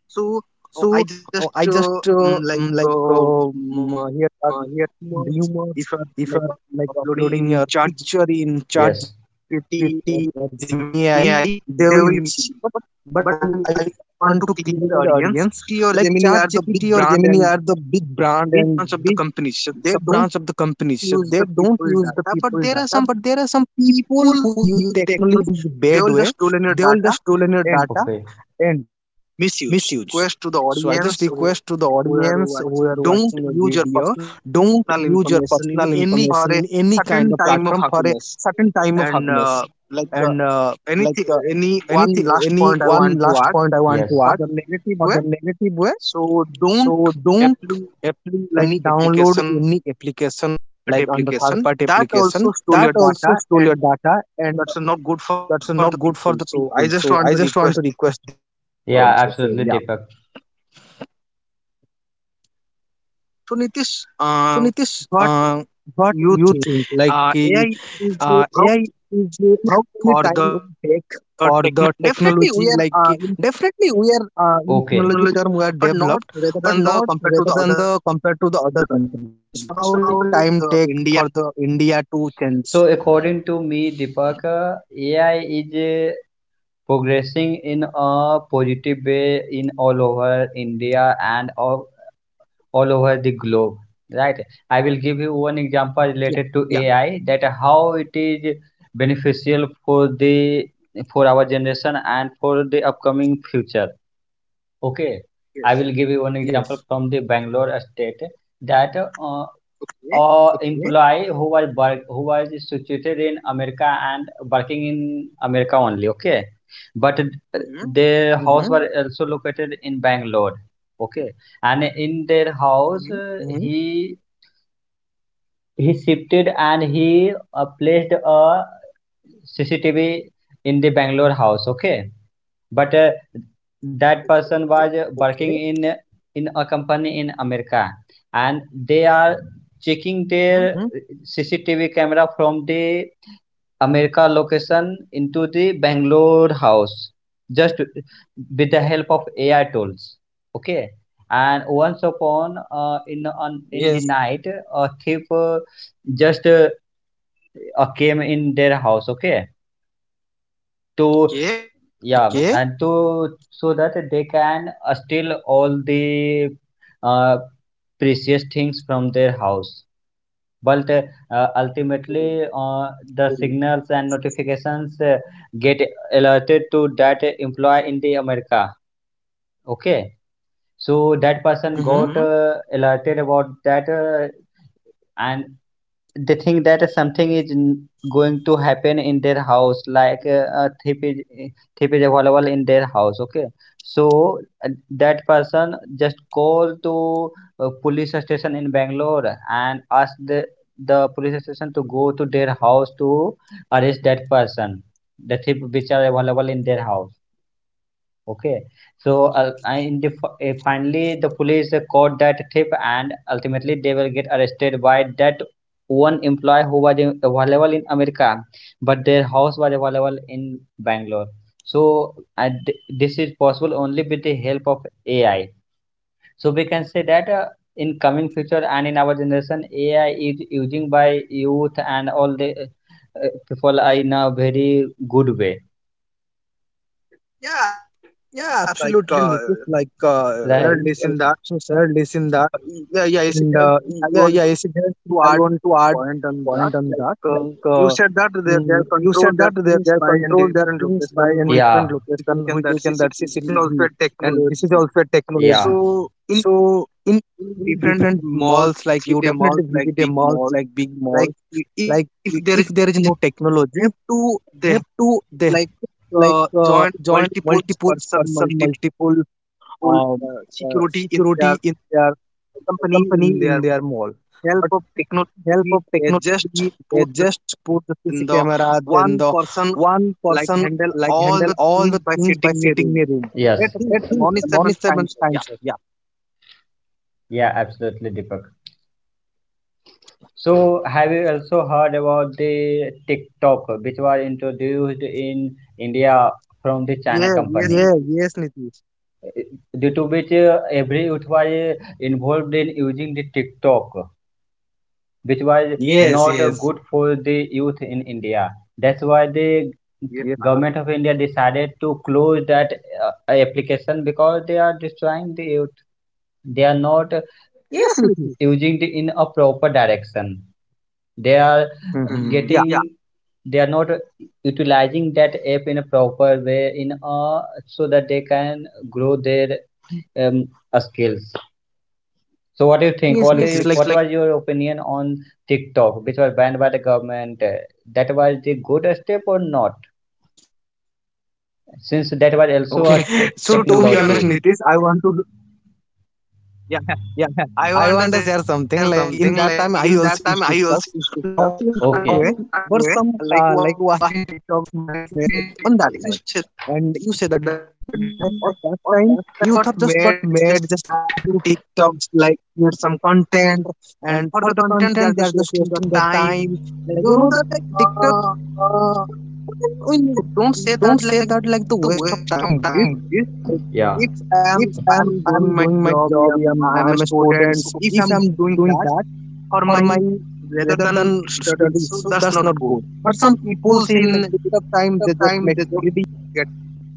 Speaker 1: So
Speaker 2: So
Speaker 1: uh,
Speaker 2: uh, I
Speaker 1: just
Speaker 2: just uh, um, like
Speaker 1: uh,
Speaker 2: uh, um,
Speaker 1: mm,
Speaker 2: uh, here are
Speaker 1: uh, here
Speaker 2: the rumors.
Speaker 1: if I'm
Speaker 2: If you are
Speaker 1: like
Speaker 2: like
Speaker 1: uploading
Speaker 2: uploading your
Speaker 1: in ChatGPT,
Speaker 2: picture in
Speaker 1: yes,
Speaker 2: ChatGPT or
Speaker 1: or
Speaker 2: Gemini A I, they will mix it.
Speaker 1: Gemini,
Speaker 2: But
Speaker 1: they will
Speaker 2: but I
Speaker 1: mix it.
Speaker 2: I
Speaker 1: But,
Speaker 2: I
Speaker 1: but I,
Speaker 2: want to
Speaker 1: want to
Speaker 2: clear the
Speaker 1: clear the
Speaker 2: audience.
Speaker 1: audience.
Speaker 2: Like
Speaker 1: T or Gemini are
Speaker 2: ChatGPT
Speaker 1: the
Speaker 2: or
Speaker 1: big
Speaker 2: Gemini
Speaker 1: brand
Speaker 2: are the
Speaker 1: and
Speaker 2: big brand and
Speaker 1: big brands
Speaker 2: big
Speaker 1: of the companies. So
Speaker 2: sub
Speaker 1: they
Speaker 2: branch
Speaker 1: don't
Speaker 2: of the company. So they
Speaker 1: use the
Speaker 2: don't
Speaker 1: people
Speaker 2: use the
Speaker 1: data,
Speaker 2: people
Speaker 1: but there are
Speaker 2: data.
Speaker 1: some
Speaker 2: But there are some people who
Speaker 1: people
Speaker 2: use
Speaker 1: who use their
Speaker 2: technology in the bad way.
Speaker 1: stolen your
Speaker 2: They will just
Speaker 1: data,
Speaker 2: stolen your data. And
Speaker 1: misuse.
Speaker 2: misuse.
Speaker 1: Request to the
Speaker 2: So I just
Speaker 1: audience:
Speaker 2: request to the audience who are
Speaker 1: don't
Speaker 2: watching a
Speaker 1: use your
Speaker 2: video, don't use your personal
Speaker 1: any or
Speaker 2: information
Speaker 1: a
Speaker 2: in any
Speaker 1: certain
Speaker 2: kind of
Speaker 1: time of
Speaker 2: platform for
Speaker 1: happiness.
Speaker 2: certain time of
Speaker 1: And
Speaker 2: happiness.
Speaker 1: uh, like uh,
Speaker 2: And uh, like uh,
Speaker 1: any one
Speaker 2: anything,
Speaker 1: last
Speaker 2: any
Speaker 1: point I
Speaker 2: one
Speaker 1: want to
Speaker 2: last
Speaker 1: add,
Speaker 2: point I want to add
Speaker 1: relative.
Speaker 2: for the negative way.
Speaker 1: So don't
Speaker 2: So don't apply like
Speaker 1: any
Speaker 2: download any application
Speaker 1: at
Speaker 2: like on the third
Speaker 1: application
Speaker 2: party
Speaker 1: that also
Speaker 2: application
Speaker 1: stole your
Speaker 2: that
Speaker 1: data,
Speaker 2: also
Speaker 1: and
Speaker 2: stole your data
Speaker 1: that's
Speaker 2: and
Speaker 1: not good for for
Speaker 2: that's
Speaker 1: the
Speaker 2: not
Speaker 1: people.
Speaker 2: good for the
Speaker 1: So I just
Speaker 2: people.
Speaker 1: want
Speaker 2: So
Speaker 1: to request.
Speaker 2: I just want to request this
Speaker 1: Yeah,
Speaker 2: also. So
Speaker 1: absolutely,
Speaker 2: yeah.
Speaker 1: Deepak. So Nitish,
Speaker 2: So
Speaker 1: uh,
Speaker 2: Nitish,
Speaker 1: what
Speaker 2: uh, what
Speaker 1: you,
Speaker 2: you think? Like
Speaker 1: uh,
Speaker 2: ki,
Speaker 1: A I is
Speaker 2: uh,
Speaker 1: uh, how
Speaker 2: A I is uh, how many
Speaker 1: for
Speaker 2: time it will take
Speaker 1: the
Speaker 2: for
Speaker 1: tech,
Speaker 2: the technology? Like
Speaker 1: uh,
Speaker 2: ki- definitely we are uh, in
Speaker 1: okay,
Speaker 2: technology
Speaker 1: knowledge,
Speaker 2: term we are
Speaker 1: but not
Speaker 2: developed,
Speaker 1: rather than
Speaker 2: but
Speaker 1: the
Speaker 2: not
Speaker 1: compared to the
Speaker 2: rather than
Speaker 1: other
Speaker 2: the compared to the other countries. So how
Speaker 1: countries.
Speaker 2: will
Speaker 1: How
Speaker 2: time
Speaker 1: is
Speaker 2: take
Speaker 1: uh,
Speaker 2: for
Speaker 1: India?
Speaker 2: the India to change?
Speaker 1: So according to me, Deepaka, A I is uh, progressing in a positive way in all over India and all, all over the globe, right? I will give you one example related
Speaker 2: Yeah,
Speaker 1: to
Speaker 2: yeah,
Speaker 1: A I that how it is beneficial for the, for our generation and for the upcoming future. Okay, I, yes, will give you one example
Speaker 2: yes.
Speaker 1: from the Bangalore state that uh, okay, uh, employee
Speaker 2: Okay.
Speaker 1: who was work, who was situated in America and working in America only. Okay, but hmm their house was
Speaker 2: Mm-hmm.
Speaker 1: also located in Bangalore. Okay, and in their house, hmm, uh,
Speaker 2: Mm-hmm.
Speaker 1: he he shifted and he uh, placed a C C T V in the Bangalore house. Okay, but uh, that person was uh,
Speaker 2: Okay.
Speaker 1: working in in a company in america and they are checking
Speaker 2: Mm-hmm.
Speaker 1: their C C T V camera from the america location into the bangalore house just with the help of A I tools, okay, and once upon uh, in on
Speaker 2: Yes.
Speaker 1: in the night a thief uh, just uh, uh, came in their house, okay, to, yeah,
Speaker 2: Okay.
Speaker 1: yeah and to, so that they can uh, steal all the uh, precious things from their house, but uh, ultimately uh, the signals and notifications uh, get alerted to that employee in the america, okay, so that
Speaker 2: Mm-hmm.
Speaker 1: person got, mm-hmm, uh, alerted about that uh, and they think that something is n- going to happen in their house like uh, a thief is eh, thief is available in their house, okay, so uh, that person just call to uh, police station in bangalore and ask the, the police station to go to their house to arrest that person, the thief which are available in their house. Okay, so uh, I- in the, fi- uh, finally the police uh, caught that thief, and ultimately they will get arrested by that one employee who was in- available in America, but their house was available in Bangalore. So uh, th- this is possible only with the help of A I. So we can say that uh, in coming future and in our generation, A I is using by youth and all the uh, people are in a very good way, yeah,
Speaker 2: Yeah, absolutely, Nitish. Like uh,
Speaker 1: right? Parent this in that.
Speaker 2: so, sir, listen.
Speaker 1: Yeah, yeah, yes,
Speaker 2: And
Speaker 1: Jayant,
Speaker 2: uh,
Speaker 1: I
Speaker 2: yeah,
Speaker 1: want
Speaker 2: yeah, yes, it does.
Speaker 1: to
Speaker 2: I
Speaker 1: add
Speaker 2: want to add
Speaker 1: on that.
Speaker 2: point on that. Like
Speaker 1: You
Speaker 2: uh,
Speaker 1: said that they, they
Speaker 2: mm, you
Speaker 1: control
Speaker 2: said
Speaker 1: their
Speaker 2: that they
Speaker 1: things
Speaker 2: they
Speaker 1: by
Speaker 2: are
Speaker 1: in
Speaker 2: control their
Speaker 1: different
Speaker 2: things
Speaker 1: location,
Speaker 2: by
Speaker 1: which,
Speaker 2: in
Speaker 1: yeah,
Speaker 2: different location,
Speaker 1: situation
Speaker 2: which
Speaker 1: that
Speaker 2: you can
Speaker 1: C C T V is
Speaker 2: C C T V,
Speaker 1: also a
Speaker 2: and this is
Speaker 1: technology.
Speaker 2: also a
Speaker 1: Yeah,
Speaker 2: technology.
Speaker 1: so in,
Speaker 2: So in,
Speaker 1: in
Speaker 2: in
Speaker 1: different
Speaker 2: different
Speaker 1: malls,
Speaker 2: malls, like you definitely visit a mall like big mall.
Speaker 1: like i- if,
Speaker 2: Like
Speaker 1: if
Speaker 2: i-
Speaker 1: there
Speaker 2: if
Speaker 1: is
Speaker 2: there is no technology,
Speaker 1: two,
Speaker 2: they
Speaker 1: they have,
Speaker 2: have to they
Speaker 1: like
Speaker 2: like
Speaker 1: uh,
Speaker 2: uh,
Speaker 1: joint
Speaker 2: joined
Speaker 1: multiple,
Speaker 2: multiple person,
Speaker 1: multiple
Speaker 2: multiple um,
Speaker 1: uh,
Speaker 2: uh,
Speaker 1: security in their
Speaker 2: security in their
Speaker 1: company
Speaker 2: company
Speaker 1: in
Speaker 2: in their mall.
Speaker 1: help
Speaker 2: But
Speaker 1: of
Speaker 2: help of
Speaker 1: technology. They just
Speaker 2: technology, they
Speaker 1: put
Speaker 2: just put the C C
Speaker 1: in the
Speaker 2: camera, then the
Speaker 1: sun.
Speaker 2: one person like
Speaker 1: All
Speaker 2: handle
Speaker 1: the
Speaker 2: all
Speaker 1: things
Speaker 2: the
Speaker 1: by
Speaker 2: things by
Speaker 1: sitting in a
Speaker 2: sitting
Speaker 1: room.
Speaker 2: in a
Speaker 1: I,
Speaker 2: room.
Speaker 1: yes,
Speaker 2: That's a
Speaker 1: think
Speaker 2: great thing. The
Speaker 1: non-stable
Speaker 2: morning
Speaker 1: time
Speaker 2: seven
Speaker 1: zone. Yeah.
Speaker 2: times. Yeah.
Speaker 1: Yeah, absolutely, Deepak. So, have you also heard about the TikTok, which was introduced in India from the China, yeah. Yes, company?
Speaker 2: Yeah.
Speaker 1: Nitish.
Speaker 2: Yes, Nitish.
Speaker 1: Due to which uh, every youth was uh, involved in using the TikTok, which was, yes, not
Speaker 2: Yes.
Speaker 1: uh, yes, good
Speaker 2: Yes.
Speaker 1: for the youth in India. That's why the, yes, Nitish,
Speaker 2: Yes.
Speaker 1: government
Speaker 2: uh,
Speaker 1: of India decided to close that uh, application because they are destroying the they are not, yes, Nikhil, using it
Speaker 2: Yes,
Speaker 1: in a
Speaker 2: Nitish.
Speaker 1: proper direction. They are, hmm, yeah, getting,
Speaker 2: Mm-hmm.
Speaker 1: they are
Speaker 2: Yeah.
Speaker 1: not utilizing that app in a proper way in a, so that they can grow their um, uh, skills. So what do you think, what, yes, is Nikhil, what, like, was your
Speaker 2: Yes,
Speaker 1: opinion
Speaker 2: Nitish.
Speaker 1: on
Speaker 2: Like
Speaker 1: tiktok which was banned by the government? Uh, that was the good step or not, since that was also
Speaker 2: okay.
Speaker 1: a, okay. *laughs* te-
Speaker 2: *laughs* So
Speaker 1: So to be
Speaker 2: to be
Speaker 1: honest,
Speaker 2: honest,
Speaker 1: technology
Speaker 2: Nitish,
Speaker 1: Nitish,
Speaker 2: I
Speaker 1: I
Speaker 2: want
Speaker 1: want to
Speaker 2: to.
Speaker 1: *laughs* yeah,
Speaker 2: Yeah, *laughs*
Speaker 1: I
Speaker 2: I
Speaker 1: want to
Speaker 2: want to
Speaker 1: say
Speaker 2: share something. Like in
Speaker 1: thing
Speaker 2: that
Speaker 1: like
Speaker 2: time, I also used
Speaker 1: time I
Speaker 2: TikToks,
Speaker 1: also
Speaker 2: but not in that way,
Speaker 1: *laughs*
Speaker 2: but
Speaker 1: way.
Speaker 2: some uh, like watching TikToks, mind race
Speaker 1: You
Speaker 2: uh, on that time.
Speaker 1: said
Speaker 2: And you say that
Speaker 1: that,
Speaker 2: definitely, like at that
Speaker 1: or that
Speaker 2: time,
Speaker 1: got
Speaker 2: youth are just
Speaker 1: made
Speaker 2: got
Speaker 1: just
Speaker 2: mad, just
Speaker 1: to
Speaker 2: addicted to TikToks,
Speaker 1: TikToks,
Speaker 2: like
Speaker 1: like,
Speaker 2: create some
Speaker 1: create some
Speaker 2: content,
Speaker 1: content,
Speaker 2: and
Speaker 1: and
Speaker 2: for the
Speaker 1: for the
Speaker 2: content,
Speaker 1: content
Speaker 2: they
Speaker 1: they
Speaker 2: are
Speaker 1: are
Speaker 2: just
Speaker 1: just
Speaker 2: wasting
Speaker 1: wasting the
Speaker 2: their time.
Speaker 1: time.
Speaker 2: Like
Speaker 1: Like,
Speaker 2: you
Speaker 1: you
Speaker 2: know
Speaker 1: know
Speaker 2: that
Speaker 1: that,
Speaker 2: like TikTok,
Speaker 1: uh,
Speaker 2: uh, we
Speaker 1: don't say
Speaker 2: don't
Speaker 1: that
Speaker 2: say
Speaker 1: like,
Speaker 2: that like the waste of time it is
Speaker 1: yeah, if I'm
Speaker 2: if I'm
Speaker 1: I'm doing
Speaker 2: I'm
Speaker 1: my
Speaker 2: doing my
Speaker 1: job,
Speaker 2: job.
Speaker 1: I'm
Speaker 2: Yeah, I'm I'm a
Speaker 1: important.
Speaker 2: student.
Speaker 1: So
Speaker 2: So
Speaker 1: if
Speaker 2: if
Speaker 1: I'm
Speaker 2: I'm
Speaker 1: doing that
Speaker 2: doing that
Speaker 1: for my,
Speaker 2: for my
Speaker 1: rather than,
Speaker 2: rather than study, so
Speaker 1: just not
Speaker 2: that's not
Speaker 1: good.
Speaker 2: good.
Speaker 1: But some
Speaker 2: But some
Speaker 1: people
Speaker 2: people's
Speaker 1: in,
Speaker 2: in TikTok time they just make video,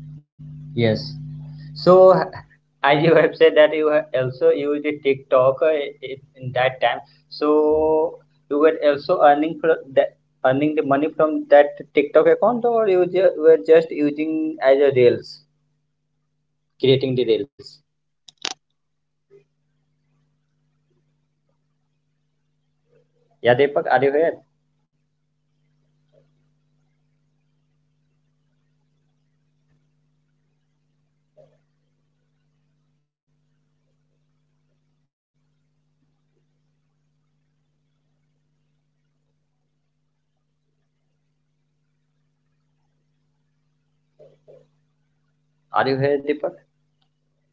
Speaker 2: get popular, and now they're doing
Speaker 1: so
Speaker 2: some
Speaker 1: as you have
Speaker 2: YouTube's
Speaker 1: said,
Speaker 2: and the
Speaker 1: you
Speaker 2: T V shows. You can say that.
Speaker 1: TikToker
Speaker 2: But
Speaker 1: i-
Speaker 2: I I
Speaker 1: in
Speaker 2: just
Speaker 1: that time.
Speaker 2: recommend one thing:
Speaker 1: So you
Speaker 2: just
Speaker 1: were also
Speaker 2: do
Speaker 1: earning for
Speaker 2: what
Speaker 1: that,
Speaker 2: you want,
Speaker 1: earning the
Speaker 2: but
Speaker 1: money
Speaker 2: not
Speaker 1: from that
Speaker 2: wasting your
Speaker 1: TikTok
Speaker 2: time.
Speaker 1: account,
Speaker 2: Right,
Speaker 1: or
Speaker 2: Ritesh?
Speaker 1: you ju- were just using as a reels, creating the reels.
Speaker 2: Ritesh,
Speaker 1: Yeah, Deepak, are you here?
Speaker 2: hello. So, oh oh, yeah, I, I'm I- I'm I'm saying that, like, uh, uh, if you want, you, s- you just do, do your job and uh, go to the YouTubes, make videos, make money. That's a good platform for the youth. Use that. So what do you think, Nitish? Like uh, uh,
Speaker 1: Are
Speaker 2: I
Speaker 1: you
Speaker 2: can
Speaker 1: here,
Speaker 2: say
Speaker 1: Deepak?
Speaker 2: that like uh,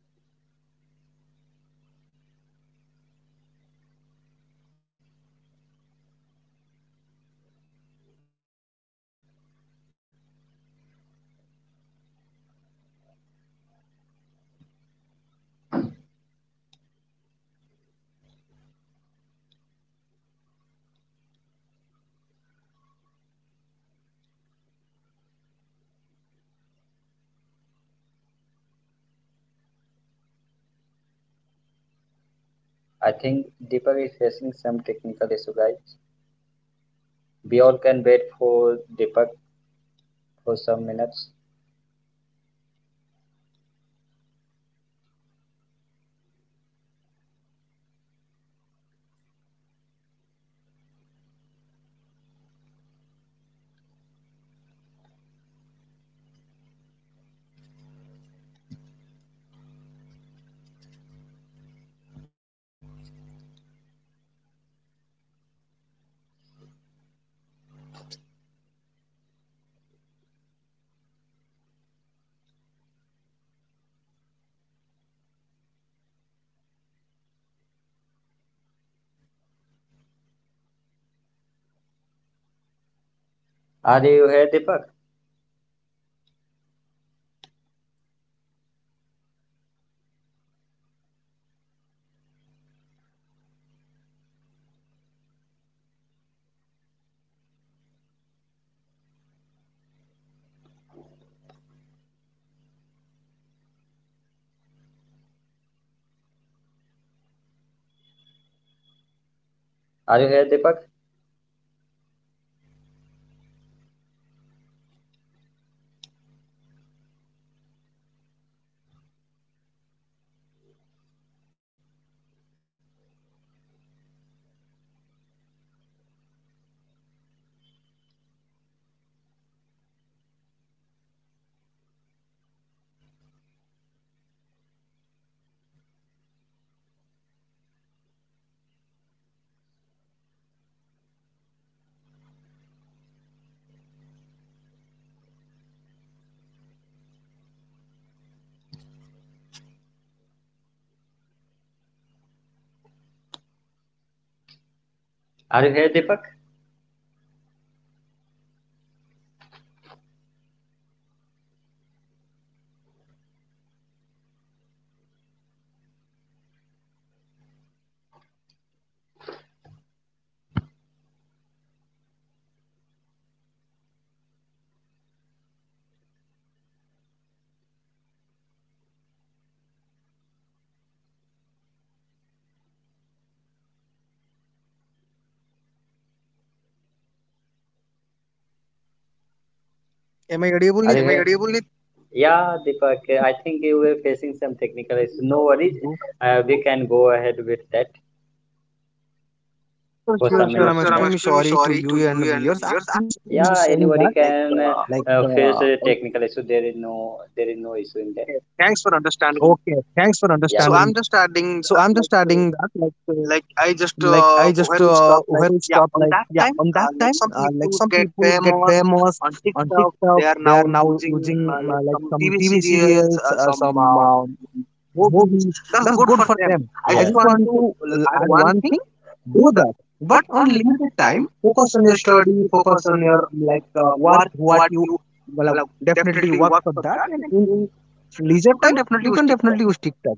Speaker 2: already mentioned that multiple times. Every side has a positive and negative. Just use it on your own way. So as a belongs to technical field, I just want to add last thing. S- just simply like follow the, your passion, follow your goal, and just aware of what happens surrounding you. That's a good thing. And for your viewers, okay audience, I hope your your host is taking
Speaker 1: I think
Speaker 2: taking
Speaker 1: Deepak
Speaker 2: what
Speaker 1: is
Speaker 2: some
Speaker 1: facing
Speaker 2: water,
Speaker 1: some.
Speaker 2: so just wait.
Speaker 1: We all can wait for Deepak for some minutes.
Speaker 2: So guys, so I think You, you Like uh,
Speaker 1: Are you
Speaker 2: just
Speaker 1: here,
Speaker 2: some
Speaker 1: Deepak?
Speaker 2: issue. So thank you so much, Nitish, for inviting me on the show. It's a great time to discuss all the things related to technical, technical things. And I hope next time definitely you wanna invite me, and we're gonna discuss about that spot. Till then, I'm just uh, take care. Bye bye.
Speaker 1: Are you here, Deepak? Are you here, Deepak? Are you, am I here, audible, Nit?
Speaker 2: Only
Speaker 1: Yeah, Deepak, I think you were facing some technical issues. No worries. Uh, we can go ahead with that.
Speaker 2: sure, sure, sure. I'm extremely
Speaker 1: For so
Speaker 2: sorry
Speaker 1: some
Speaker 2: to
Speaker 1: sure
Speaker 2: you
Speaker 1: minutes sir, I'm
Speaker 2: and viewers.
Speaker 1: extremely
Speaker 2: I-
Speaker 1: sorry
Speaker 2: I'm
Speaker 1: to
Speaker 2: just,
Speaker 1: you
Speaker 2: I'm
Speaker 1: and
Speaker 2: just saying
Speaker 1: viewers.
Speaker 2: that,
Speaker 1: Yeah,
Speaker 2: like,
Speaker 1: anybody, like,
Speaker 2: uh,
Speaker 1: can uh,
Speaker 2: o-
Speaker 1: uh, uh, face a technical issue. There is no there is no issue in that. Okay, thanks
Speaker 2: okay,
Speaker 1: for
Speaker 2: thanks for
Speaker 1: understanding.
Speaker 2: understanding.
Speaker 1: Yeah, so good. I'm
Speaker 2: So
Speaker 1: just
Speaker 2: I'm just
Speaker 1: adding
Speaker 2: adding
Speaker 1: that,
Speaker 2: that,
Speaker 1: like,
Speaker 2: like,
Speaker 1: uh,
Speaker 2: uh,
Speaker 1: like
Speaker 2: like
Speaker 1: I
Speaker 2: i
Speaker 1: just
Speaker 2: just
Speaker 1: uh,
Speaker 2: uh,
Speaker 1: where
Speaker 2: where
Speaker 1: we
Speaker 2: we
Speaker 1: stop,
Speaker 2: stop,
Speaker 1: like,
Speaker 2: like,
Speaker 1: yeah,
Speaker 2: yeah,
Speaker 1: on
Speaker 2: on
Speaker 1: that
Speaker 2: that
Speaker 1: time,
Speaker 2: time,
Speaker 1: uh,
Speaker 2: uh,
Speaker 1: like
Speaker 2: like
Speaker 1: some
Speaker 2: some
Speaker 1: people
Speaker 2: people
Speaker 1: get
Speaker 2: get famous
Speaker 1: famous on
Speaker 2: on TikTok.
Speaker 1: TikTok.
Speaker 2: They
Speaker 1: They
Speaker 2: are
Speaker 1: are now
Speaker 2: now
Speaker 1: using
Speaker 2: using um,
Speaker 1: uh,
Speaker 2: uh,
Speaker 1: like
Speaker 2: like
Speaker 1: some
Speaker 2: some
Speaker 1: T V
Speaker 2: TV serials,
Speaker 1: serials,
Speaker 2: uh,
Speaker 1: uh, some
Speaker 2: some
Speaker 1: uh,
Speaker 2: um,
Speaker 1: movies.
Speaker 2: movies.
Speaker 1: That's
Speaker 2: That's
Speaker 1: good
Speaker 2: good
Speaker 1: for
Speaker 2: for
Speaker 1: them.
Speaker 2: them.
Speaker 1: Yeah. I, yeah,
Speaker 2: I
Speaker 1: just
Speaker 2: just
Speaker 1: want
Speaker 2: want
Speaker 1: to
Speaker 2: to l-
Speaker 1: add
Speaker 2: add
Speaker 1: one
Speaker 2: one
Speaker 1: thing.
Speaker 2: thing:
Speaker 1: Do
Speaker 2: do
Speaker 1: that,
Speaker 2: that,
Speaker 1: but
Speaker 2: but
Speaker 1: on
Speaker 2: on
Speaker 1: limited
Speaker 2: limited
Speaker 1: time
Speaker 2: time.
Speaker 1: focus on
Speaker 2: Focus
Speaker 1: your
Speaker 2: on your
Speaker 1: study,
Speaker 2: study,
Speaker 1: focus
Speaker 2: focus
Speaker 1: on
Speaker 2: on
Speaker 1: your,
Speaker 2: your
Speaker 1: like,
Speaker 2: like
Speaker 1: uh,
Speaker 2: uh,
Speaker 1: work
Speaker 2: work
Speaker 1: what
Speaker 2: what
Speaker 1: you,
Speaker 2: you
Speaker 1: well, uh,
Speaker 2: well, uh,
Speaker 1: definitely work
Speaker 2: definitely
Speaker 1: for
Speaker 2: work
Speaker 1: that,
Speaker 2: for
Speaker 1: and
Speaker 2: that,
Speaker 1: in,
Speaker 2: and in leisure
Speaker 1: you can
Speaker 2: time you
Speaker 1: definitely
Speaker 2: can
Speaker 1: stick that.
Speaker 2: definitely use TikTok.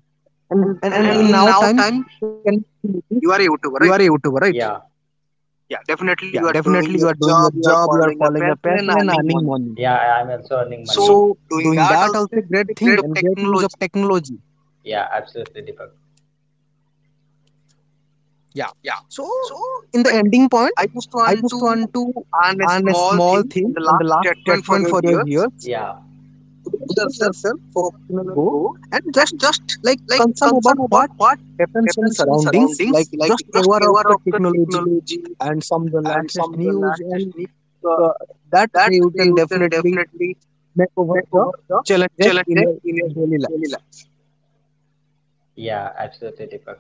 Speaker 2: And
Speaker 1: and,
Speaker 2: and,
Speaker 1: and yeah,
Speaker 2: and
Speaker 1: and yeah,
Speaker 2: in
Speaker 1: in
Speaker 2: now
Speaker 1: now
Speaker 2: time
Speaker 1: time
Speaker 2: can
Speaker 1: you are a
Speaker 2: you are
Speaker 1: youtuber,
Speaker 2: a
Speaker 1: right?
Speaker 2: YouTuber, right?
Speaker 1: Yeah. Yeah, definitely
Speaker 2: Yeah,
Speaker 1: you are doing
Speaker 2: definitely you
Speaker 1: your
Speaker 2: are doing
Speaker 1: job,
Speaker 2: your
Speaker 1: you are
Speaker 2: job, you are
Speaker 1: following your
Speaker 2: following your
Speaker 1: passion and
Speaker 2: passion and
Speaker 1: earning
Speaker 2: earning
Speaker 1: money.
Speaker 2: money.
Speaker 1: Yeah, I'm also earning money, so
Speaker 2: So
Speaker 1: doing
Speaker 2: doing
Speaker 1: that
Speaker 2: that
Speaker 1: also
Speaker 2: also
Speaker 1: is
Speaker 2: great
Speaker 1: a
Speaker 2: thing
Speaker 1: great
Speaker 2: and great use of
Speaker 1: technology.
Speaker 2: technology.
Speaker 1: Yeah, absolutely, Deepak.
Speaker 2: Yeah.
Speaker 1: Yeah,
Speaker 2: So
Speaker 1: so
Speaker 2: in
Speaker 1: when
Speaker 2: the ending point,
Speaker 1: I just
Speaker 2: I
Speaker 1: want to
Speaker 2: just want to
Speaker 1: add a
Speaker 2: earn a
Speaker 1: small thing
Speaker 2: small
Speaker 1: and the
Speaker 2: thing
Speaker 1: last
Speaker 2: and the last
Speaker 1: statement for your
Speaker 2: statement for your
Speaker 1: viewers.
Speaker 2: viewers.
Speaker 1: Yeah. Brace
Speaker 2: Grow
Speaker 1: yourself,
Speaker 2: yourself,
Speaker 1: focus
Speaker 2: focus
Speaker 1: on
Speaker 2: on
Speaker 1: your
Speaker 2: your
Speaker 1: goal,
Speaker 2: goal, and
Speaker 1: and just
Speaker 2: just
Speaker 1: like
Speaker 2: like
Speaker 1: concern
Speaker 2: concern
Speaker 1: about
Speaker 2: about
Speaker 1: what
Speaker 2: what
Speaker 1: happens in
Speaker 2: happens in
Speaker 1: surroundings,
Speaker 2: surroundings,
Speaker 1: like
Speaker 2: like
Speaker 1: just
Speaker 2: just
Speaker 1: aware of
Speaker 2: aware of
Speaker 1: the
Speaker 2: the
Speaker 1: technology
Speaker 2: and some of the
Speaker 1: and
Speaker 2: latest
Speaker 1: some of the
Speaker 2: news and
Speaker 1: latest needs, uh,
Speaker 2: uh, that
Speaker 1: that
Speaker 2: you can
Speaker 1: you can
Speaker 2: definitely
Speaker 1: definitely
Speaker 2: may over
Speaker 1: make
Speaker 2: the
Speaker 1: over the
Speaker 2: challenges in
Speaker 1: challenges
Speaker 2: your
Speaker 1: in your
Speaker 2: daily
Speaker 1: daily
Speaker 2: life.
Speaker 1: life. Yeah, absolutely, Deepak.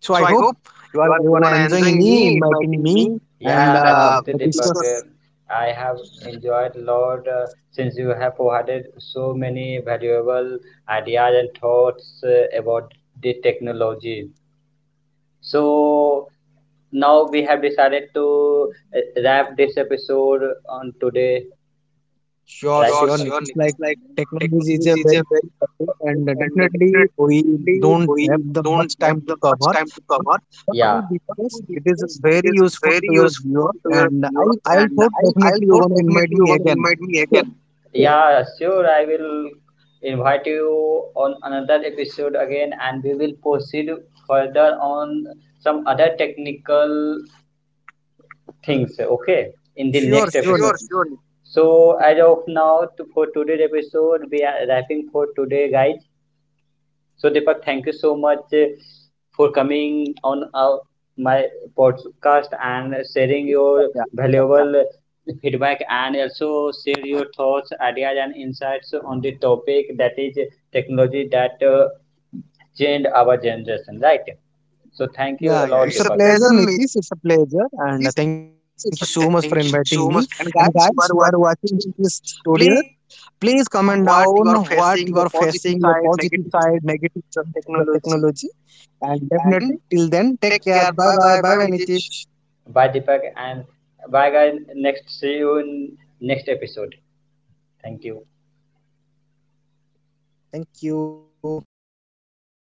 Speaker 2: So I
Speaker 1: So I
Speaker 2: hope
Speaker 1: hope
Speaker 2: you are
Speaker 1: you are,
Speaker 2: you
Speaker 1: you
Speaker 2: are
Speaker 1: are
Speaker 2: enjoying
Speaker 1: enjoying
Speaker 2: me,
Speaker 1: me,
Speaker 2: inviting
Speaker 1: inviting me,
Speaker 2: me, and
Speaker 1: yeah, and
Speaker 2: uh,
Speaker 1: uh, absolutely,
Speaker 2: the
Speaker 1: Deepak, discuss.
Speaker 2: discuss.
Speaker 1: Uh, I have enjoyed a lot uh, since you have provided so many valuable ideas and thoughts uh, about the technology. So now we have decided to uh, wrap this episode on today, right? Sure,
Speaker 2: Sure,
Speaker 1: it's sure,
Speaker 2: sure.
Speaker 1: it's
Speaker 2: It's
Speaker 1: like
Speaker 2: like
Speaker 1: technology
Speaker 2: technology
Speaker 1: is
Speaker 2: is
Speaker 1: a very
Speaker 2: topic and
Speaker 1: powerful, and
Speaker 2: definitely
Speaker 1: definitely
Speaker 2: we don't have
Speaker 1: we
Speaker 2: the much
Speaker 1: don't
Speaker 2: time
Speaker 1: have
Speaker 2: to
Speaker 1: the
Speaker 2: cover.
Speaker 1: much time to
Speaker 2: But
Speaker 1: cover. But
Speaker 2: what
Speaker 1: yeah,
Speaker 2: we
Speaker 1: what
Speaker 2: discuss,
Speaker 1: we
Speaker 2: it is
Speaker 1: discussed, it
Speaker 2: very
Speaker 1: is
Speaker 2: useful
Speaker 1: very
Speaker 2: to your
Speaker 1: useful
Speaker 2: viewers,
Speaker 1: to your
Speaker 2: and I
Speaker 1: viewers,
Speaker 2: I
Speaker 1: and
Speaker 2: thought
Speaker 1: I I
Speaker 2: definitely you're
Speaker 1: thought
Speaker 2: gonna invite
Speaker 1: definitely you
Speaker 2: me
Speaker 1: gonna
Speaker 2: again.
Speaker 1: invite me again. Okay, yeah, sure. I will invite you on another episode again, and we will proceed further on some other technical things. Okay, in the
Speaker 2: Sure,
Speaker 1: next, sure, episode,
Speaker 2: sure,
Speaker 1: sure, sure. So as of now, to, for today's episode, we are wrapping for today, guys. So Deepak, thank you so much uh, for coming on our, my podcast and sharing your valuable
Speaker 2: Nikita.
Speaker 1: feedback and also share your thoughts, ideas, and insights on the topic that is technology, that uh, changed our generation, right? So thank you a lot, it's a Deepak
Speaker 2: Yeah, yeah.
Speaker 1: pleasure,
Speaker 2: It's a
Speaker 1: Nitish.
Speaker 2: pleasure, Nitish. It's a pleasure. And uh, thank you
Speaker 1: Satya,
Speaker 2: so much for
Speaker 1: thank you so
Speaker 2: inviting
Speaker 1: much.
Speaker 2: me.
Speaker 1: And
Speaker 2: And
Speaker 1: guys, you
Speaker 2: guys
Speaker 1: are
Speaker 2: who are watching
Speaker 1: watching,
Speaker 2: this tutorial,
Speaker 1: please
Speaker 2: please comment
Speaker 1: what
Speaker 2: down
Speaker 1: you are
Speaker 2: what
Speaker 1: facing,
Speaker 2: you
Speaker 1: your
Speaker 2: are
Speaker 1: positive
Speaker 2: facing, your
Speaker 1: side,
Speaker 2: positive
Speaker 1: negative
Speaker 2: side,
Speaker 1: side
Speaker 2: negative
Speaker 1: of
Speaker 2: side of the
Speaker 1: technology.
Speaker 2: technology. And definitely,
Speaker 1: And
Speaker 2: till then, take
Speaker 1: take
Speaker 2: care.
Speaker 1: care.
Speaker 2: Bye
Speaker 1: Bye
Speaker 2: bye.
Speaker 1: bye.
Speaker 2: Bye
Speaker 1: Bye bye,
Speaker 2: bye,
Speaker 1: Nitish.
Speaker 2: Nitish.
Speaker 1: Bye, Deepak, and bye, guys. Next, see you in next episode. Thank you. Thank
Speaker 2: Thank you.
Speaker 1: you.